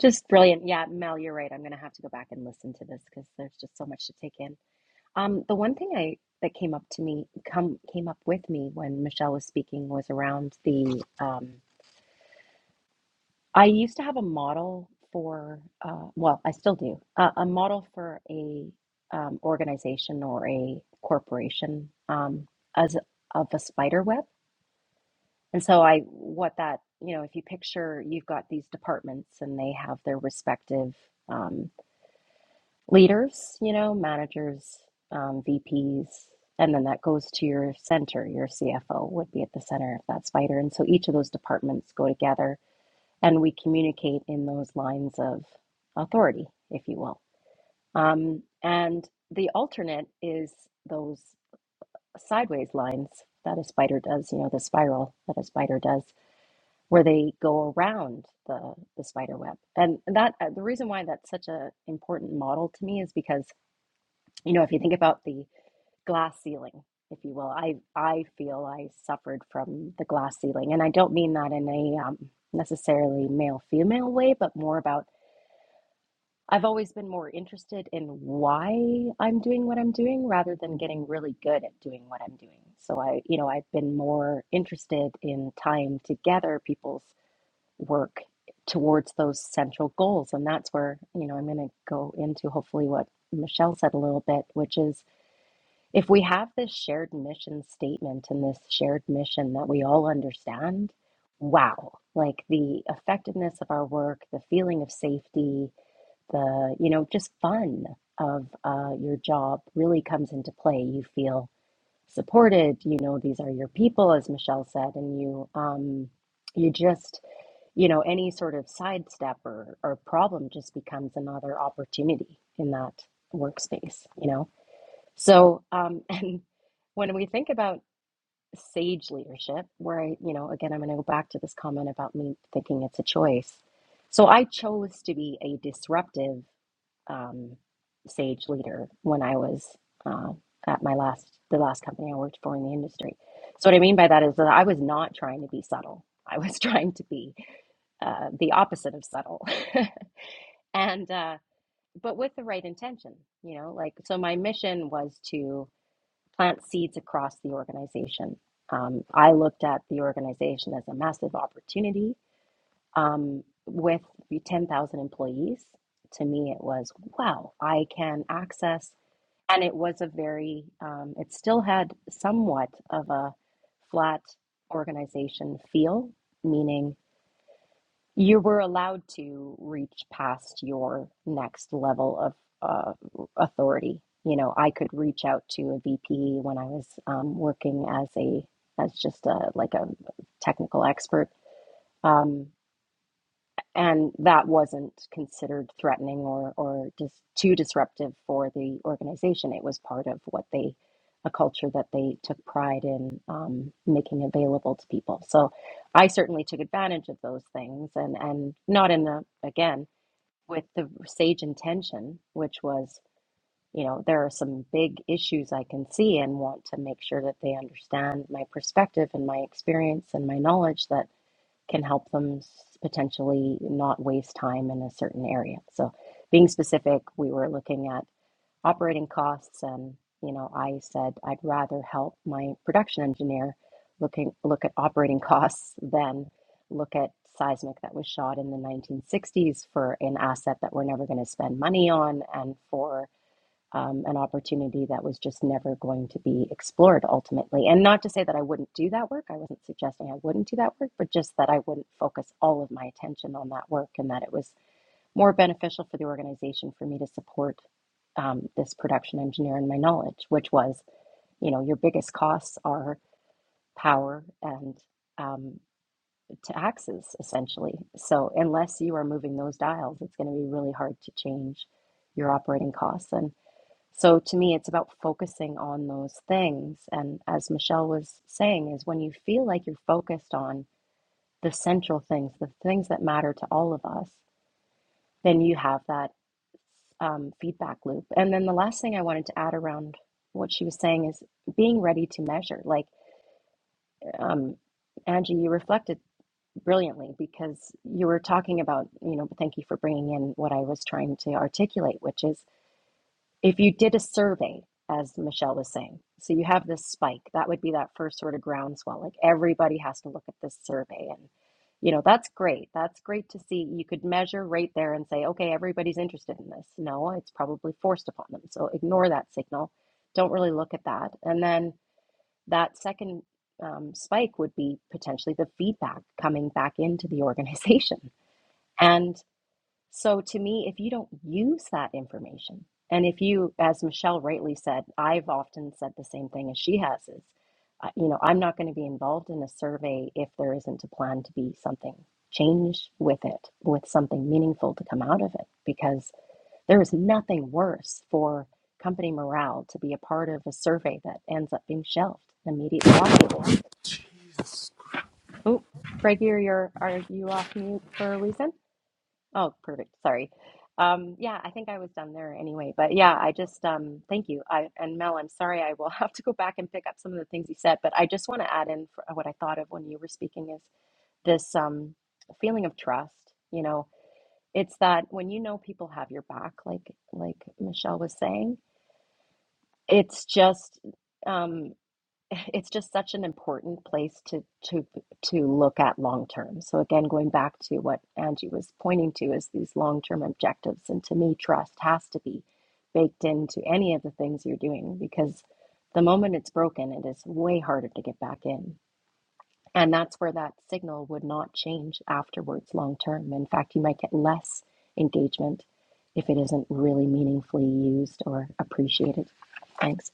[SPEAKER 2] just brilliant. Yeah, Mel, you're right. I'm going to have to go back and listen to this because there's just so much to take in. Um, the one thing I that came up to me come came up with me when Michelle was speaking was around the um, I used to have a model for uh, well, I still do uh, a model for a um, organization or a corporation um, as of a spider web. And so I what that you know if you picture you've got these departments and they have their respective um, leaders, you know, managers, um, VPs, and then that goes to your center. Your CFO would be at the center of that spider. And so each of those departments go together and we communicate in those lines of authority, if you will. Um, and the alternate is those sideways lines that a spider does, you know, the spiral that a spider does, where they go around the, the spider web. And that uh, the reason why that's such an important model to me is because you know if you think about the glass ceiling if you will i i feel i suffered from the glass ceiling and i don't mean that in a um, necessarily male female way but more about i've always been more interested in why i'm doing what i'm doing rather than getting really good at doing what i'm doing so i you know i've been more interested in tying together people's work towards those central goals and that's where you know i'm going to go into hopefully what michelle said a little bit which is if we have this shared mission statement and this shared mission that we all understand, wow, like the effectiveness of our work, the feeling of safety, the, you know, just fun of uh, your job really comes into play. You feel supported, you know, these are your people, as Michelle said, and you, um, you just, you know, any sort of sidestep or, or problem just becomes another opportunity in that workspace, you know? So, um, [laughs] and when we think about sage leadership, where I, you know, again, I'm going to go back to this comment about me thinking it's a choice. So I chose to be a disruptive um, sage leader when I was uh, at my last, the last company I worked for in the industry. So what I mean by that is that I was not trying to be subtle. I was [laughs] trying to be uh, the opposite of subtle [laughs] and uh, but with the right intention you know like so my mission was to plant seeds across the organization. Um, I looked at the organization as a massive opportunity um, with 10,000 employees. To me, it was wow, I can access, and it was a very, um, it still had somewhat of a flat organization feel, meaning you were allowed to reach past your next level of uh, authority. You know, I could reach out to a VP when I was um, working as a as just a like a technical expert. Um, and that wasn't considered threatening or or just too disruptive for the organization. It was part of what they a culture that they took pride in um, making available to people. So I certainly took advantage of those things, and and not in the again with the sage intention, which was you know there are some big issues I can see and want to make sure that they understand my perspective and my experience and my knowledge that can help them potentially not waste time in a certain area. So, being specific, we were looking at operating costs, and you know, I said I'd rather help my production engineer looking look at operating [laughs] costs than look at seismic that was shot in the 1960s for an asset that we're never going to spend money on, and for um, an opportunity that was just never going to be explored ultimately. And not to say that I wouldn't do that work, I wasn't suggesting I wouldn't do that work, but just that I wouldn't focus all of my attention on that work and that it was more beneficial for the organization for me to support um, this production engineer and my knowledge, which was, you know, your biggest costs are power and um, taxes essentially. So unless you are moving those dials, it's going to be really hard to change your operating costs. and. So to me, it's about focusing on those things. And as Michelle was saying, is when you feel like you're focused on the central things, the things that matter to all of us, then you have that um, feedback loop. And then the last thing I wanted to add around what she was saying is being ready to measure. Like, um, Angie, you reflected brilliantly because you were talking about, you know, thank you for bringing in what I was trying to articulate, which is if you did a survey, as Michelle was saying, so you have this spike, that would be that first sort of groundswell. Like everybody has to look at this survey. And, you know, that's great. That's great to see. You could measure right there and say, okay, everybody's interested in this. No, it's probably forced upon them. So ignore that signal. Don't really look at that. And then that second um, spike would be potentially the feedback coming back into the [laughs] organization. And. So to me, if you don't use that information, and if you, as Michelle rightly said, I've often said the same thing as she has is, uh, you know, I'm not going to be involved in a survey if there isn't a plan to be something changed with it, with something meaningful to come out of it, because there is nothing worse for company morale to be a part of a survey that ends up being shelved immediately afterwards. Oh, Greg, you're, you're, are you off mute for a reason? Oh, perfect. Sorry. Um, yeah, I think I was done there anyway. But yeah, I just um, thank you. I, and Mel, I'm sorry, I will [laughs] have to go back and pick up some of the things you said. But I just want to add in for what I thought of when you were speaking is this um, feeling of trust. You know, it's that when you know people have your back, like like Michelle was saying, it's just. Um, [laughs] it's just such an important place to to to look at long term. So again, going back to what Angie was pointing to is these long term objectives, and to me, trust has to be baked into any of the things you're doing because the moment it's broken, it is way harder to get back in, and that's where that signal would not change afterwards long term. In fact, you might get less engagement if it isn't really meaningfully used or appreciated. Thanks.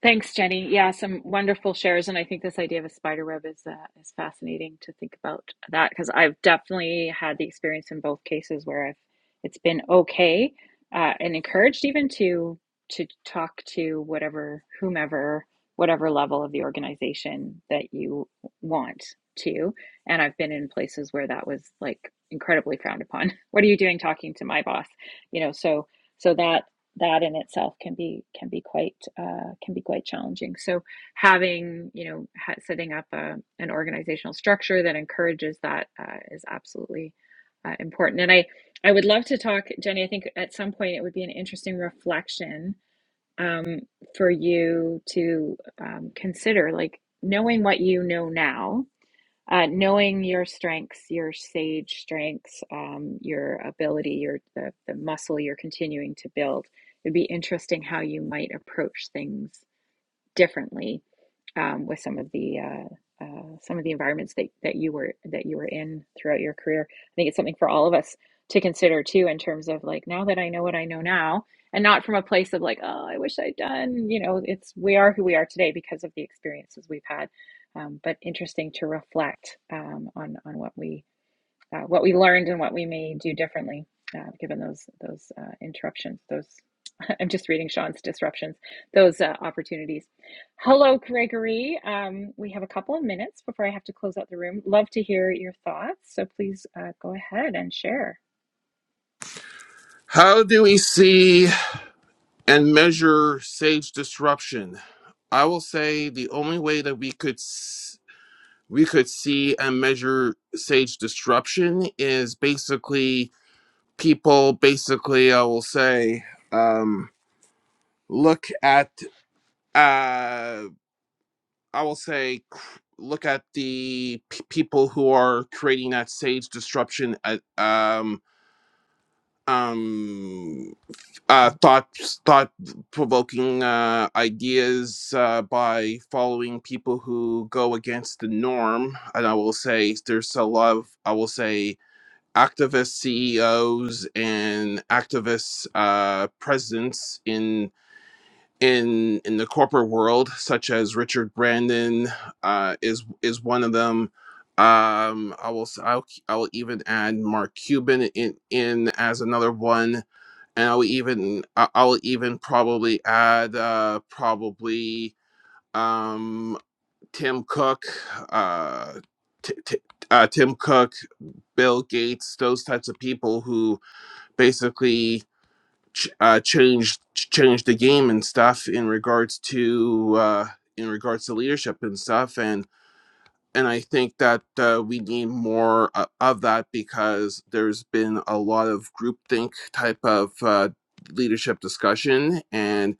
[SPEAKER 1] Thanks, Jenny. Yeah, some wonderful shares, and I think this idea of a spider web is uh, is fascinating to think about that because I've definitely had the experience in both cases where I've it's been okay uh, and encouraged even to to talk to whatever whomever whatever level of the organization that you want to, and I've been in places where that was like incredibly frowned upon. [laughs] What are you doing talking to my boss? You know, so so that that in itself can be can be quite uh, can be quite challenging. So having you know ha- setting up a, an organizational structure that encourages that uh, is absolutely uh, important. And I I would love to talk, Jenny. I think at some point it would be an interesting reflection um, for you to um, consider, like knowing what you know now uh, knowing your strengths, your sage strengths, um, your ability, your the, the muscle you're continuing to build. It'd be interesting how you might approach things differently um, with some of the uh, uh, some of the environments that, that you were that you were in throughout your career. I think it's something for all of us to consider too in terms of like now that I know what I know now and not from a place of like oh I wish I'd done you know it's we are who we are today because of the experiences we've had um, but interesting to reflect um, on on what we uh, what we learned and what we may do differently uh, given those those uh, interruptions those [laughs] i'm just reading sean's disruptions those uh, opportunities hello gregory um, we have a couple of minutes before i have to close out the room love to hear your thoughts so please uh, go ahead and share
[SPEAKER 5] How do we see and measure sage disruption? I will say the only way that we could s- we could see and measure sage disruption is basically people basically I will say um look at uh I will say cr- look at the p- people who are creating that sage disruption at um um uh, thought thought provoking uh, ideas uh, by following people who go against the norm. And I will say there's a lot of I will say activist CEOs and activist uh, presidents in in in the corporate world, such as Richard Brandon uh, is is one of them. Um, I will s- I'll, I'll even add Mark Cuban in in as another one and I'll even I- I'll even probably add uh, probably um, Tim Cook, uh, t- t- uh, Tim Cook, Bill Gates, those types of people who basically ch- uh, changed ch- changed the game and stuff in regards to uh, in regards to leadership and stuff. and and I think that uh, we need more uh, of that because there's been a lot of groupthink type of uh, leadership discussion, and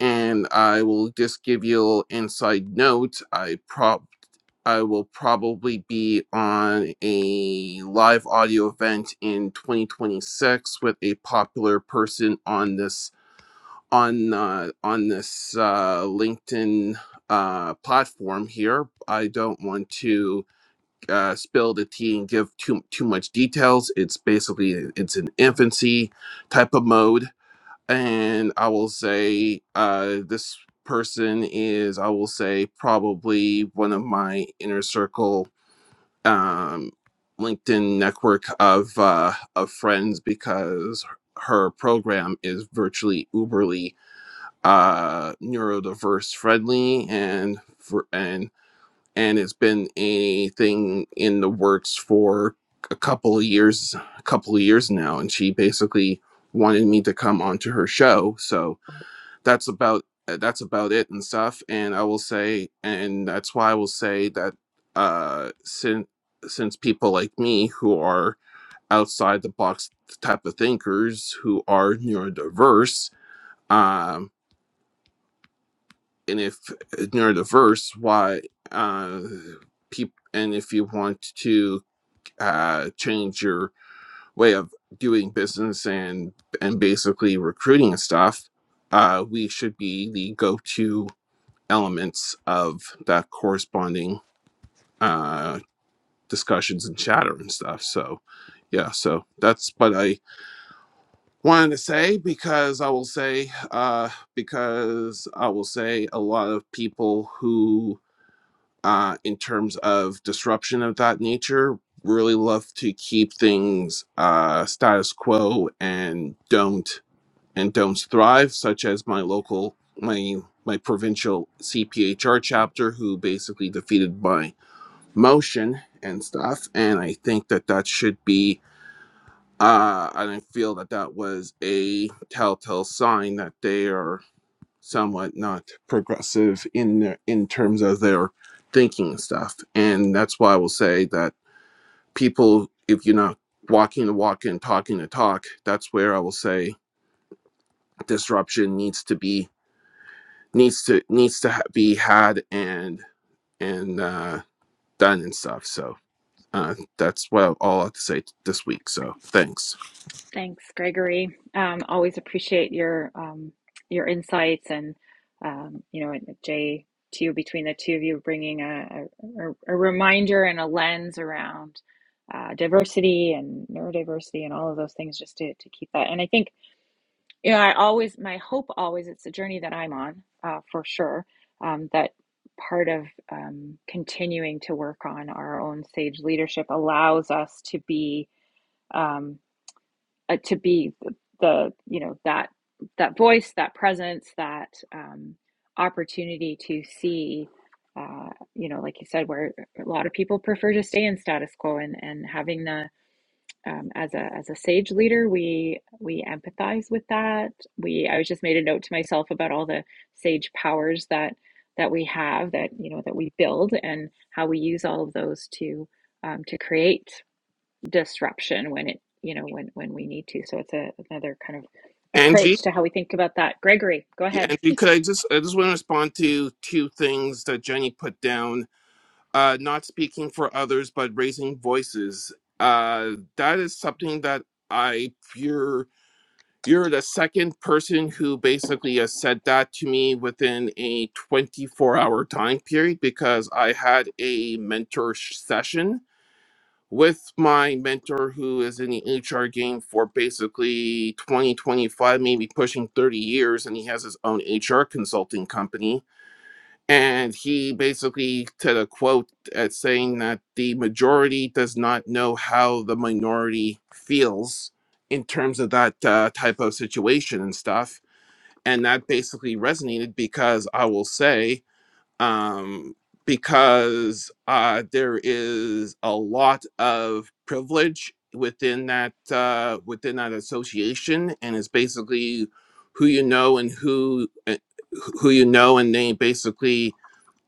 [SPEAKER 5] and I will just give you an inside note. I prob I will probably be on a live audio event in 2026 with a popular person on this on uh, on this uh, LinkedIn uh, platform here. I don't want to uh, spill the tea and give too too much details. It's basically it's an infancy type of mode, and I will say uh, this person is I will say probably one of my inner circle um, LinkedIn network of uh, of friends because her program is virtually uberly uh, neurodiverse friendly and. for and and it's been a thing in the works for a couple of years a couple of years now and she basically wanted me to come onto her show so that's about uh, that's about it and stuff and i will say and that's why i will say that uh since since people like me who are outside the box type of thinkers who are neurodiverse um, and if neurodiverse, why uh, peop and if you want to uh, change your way of doing business and and basically recruiting and stuff, uh, we should be the go-to elements of that corresponding uh, discussions and chatter and stuff. So, yeah, so that's what I wanted to say because I will say uh, because I will say a lot of people who uh, in terms of disruption of that nature really love to keep things uh, status quo and don't and don't thrive such as my local my my provincial cphr chapter who basically defeated my motion and stuff and i think that that should be uh, and i feel that that was a telltale sign that they are somewhat not progressive in their, in terms of their thinking stuff. And that's why I will say that people, if you're not walking the walk and talking the talk, that's where I will say disruption needs to be needs to needs to ha- be had and and uh, done and stuff. So uh, that's what all I have to say t- this week. So thanks,
[SPEAKER 1] Thanks, Gregory. Um, always appreciate your um, your insights and um, you know, and Jay, to you between the two of you, bringing a, a, a reminder and a lens around uh, diversity and neurodiversity and all of those things, just to to keep that. And I think you know, I always my hope always it's a journey that I'm on uh, for sure. Um, that part of um, continuing to work on our own sage leadership allows us to be. um uh, to be the, the you know that that voice that presence that um, opportunity to see uh, you know like you said where a lot of people prefer to stay in status quo and and having the um, as a as a sage leader we we empathize with that we i was just made a note to myself about all the sage powers that that we have that you know that we build and how we use all of those to um, to create disruption when it you know when when we need to so it's a, another kind of
[SPEAKER 5] Angie.
[SPEAKER 1] approach to how we think about that gregory go
[SPEAKER 5] Yeah,
[SPEAKER 1] ahead
[SPEAKER 5] Angie, could I just I just want to respond to two things that Jenny put down uh, not speaking for others but raising voices. Uh, that is something that I you're you're the second person who basically has said that to me within a 24 hour time period because I had a mentor sh- session with my mentor who is in the HR game for basically 20 25 maybe pushing 30 years and he has his own HR consulting company and he basically said a quote at saying that the majority does not know how the minority feels in terms of that uh, type of situation and stuff. And that basically resonated because I will say, um, because uh, there is a lot of privilege within that uh, within that association, and it's basically who you know and who uh, who you know, and they basically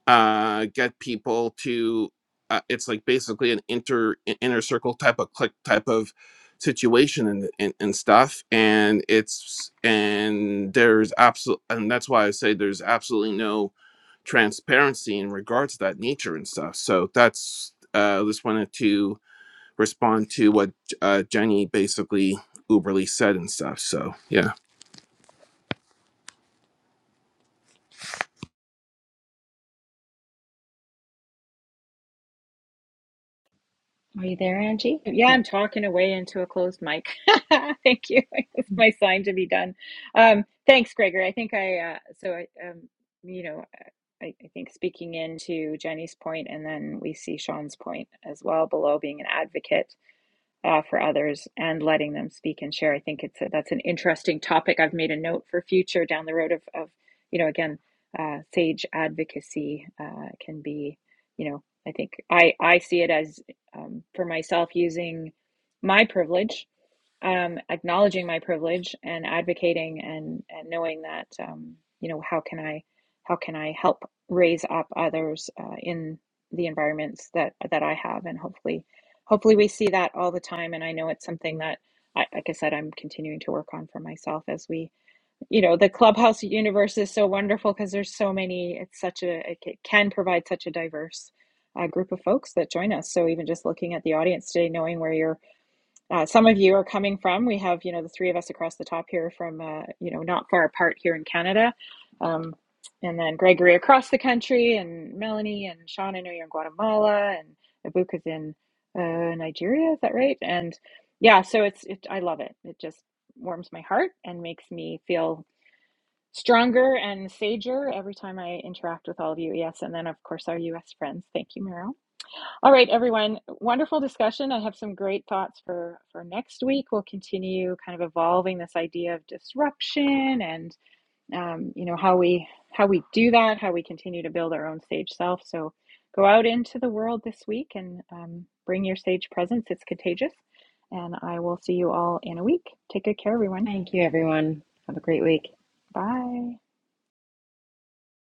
[SPEAKER 5] uh, get people to uh, it's like basically an inter i- inner circle type of click type of situation and, and and stuff and it's and there's absolute and that's why i say there's absolutely no transparency in regards to that nature and stuff so that's uh just wanted to respond to what uh jenny basically uberly said and stuff so yeah
[SPEAKER 2] Are you there, Angie?
[SPEAKER 1] yeah
[SPEAKER 2] Oh.
[SPEAKER 1] i'm talking away into a closed mic [laughs] thank you [laughs] it's my sign to be done um thanks gregory i think i uh so i um you know I, I think speaking into jenny's point and then we see sean's point as well below being an advocate uh, for others and letting them speak and share. I think it's a, that's an interesting topic. I've made a note for future down the road of, of you know, again, uh, sage advocacy uh, can be, you know, I think I I see it as um, for myself using my privilege um, acknowledging my privilege and advocating and, and knowing that um, you know how can I how can I help raise up others uh, in the environments that that I have and hopefully hopefully we see that all the time and I know it's something that I, like I said I'm continuing to work on for myself as we you know the clubhouse universe is so wonderful because there's so many it's such a it can provide such a diverse uh, group of folks that join us so even just looking at the audience today knowing where you're uh, some of you are coming from. We have, you know, the three of us across the top here from, uh, you know, not far apart here in Canada. Um, and then Gregory across the country, and Melanie and Sean, I know you're in Guatemala, and Abuka's in uh, Nigeria, is that right? And yeah, so it's, it, I love it. It just warms my heart and makes me feel stronger and sager every time I interact with all of you. Yes. And then, of course, our US friends. Thank you, Meryl. All right, everyone. Wonderful discussion. I have some great thoughts for for next week. We'll continue kind of evolving this idea of disruption and um, you know how we how we do that, how we continue to build our own sage self. So go out into the world this week and um, bring your sage presence. It's contagious. And I will see you all in a week. Take good care, everyone.
[SPEAKER 2] Thank you, everyone. Have a great week.
[SPEAKER 1] Bye.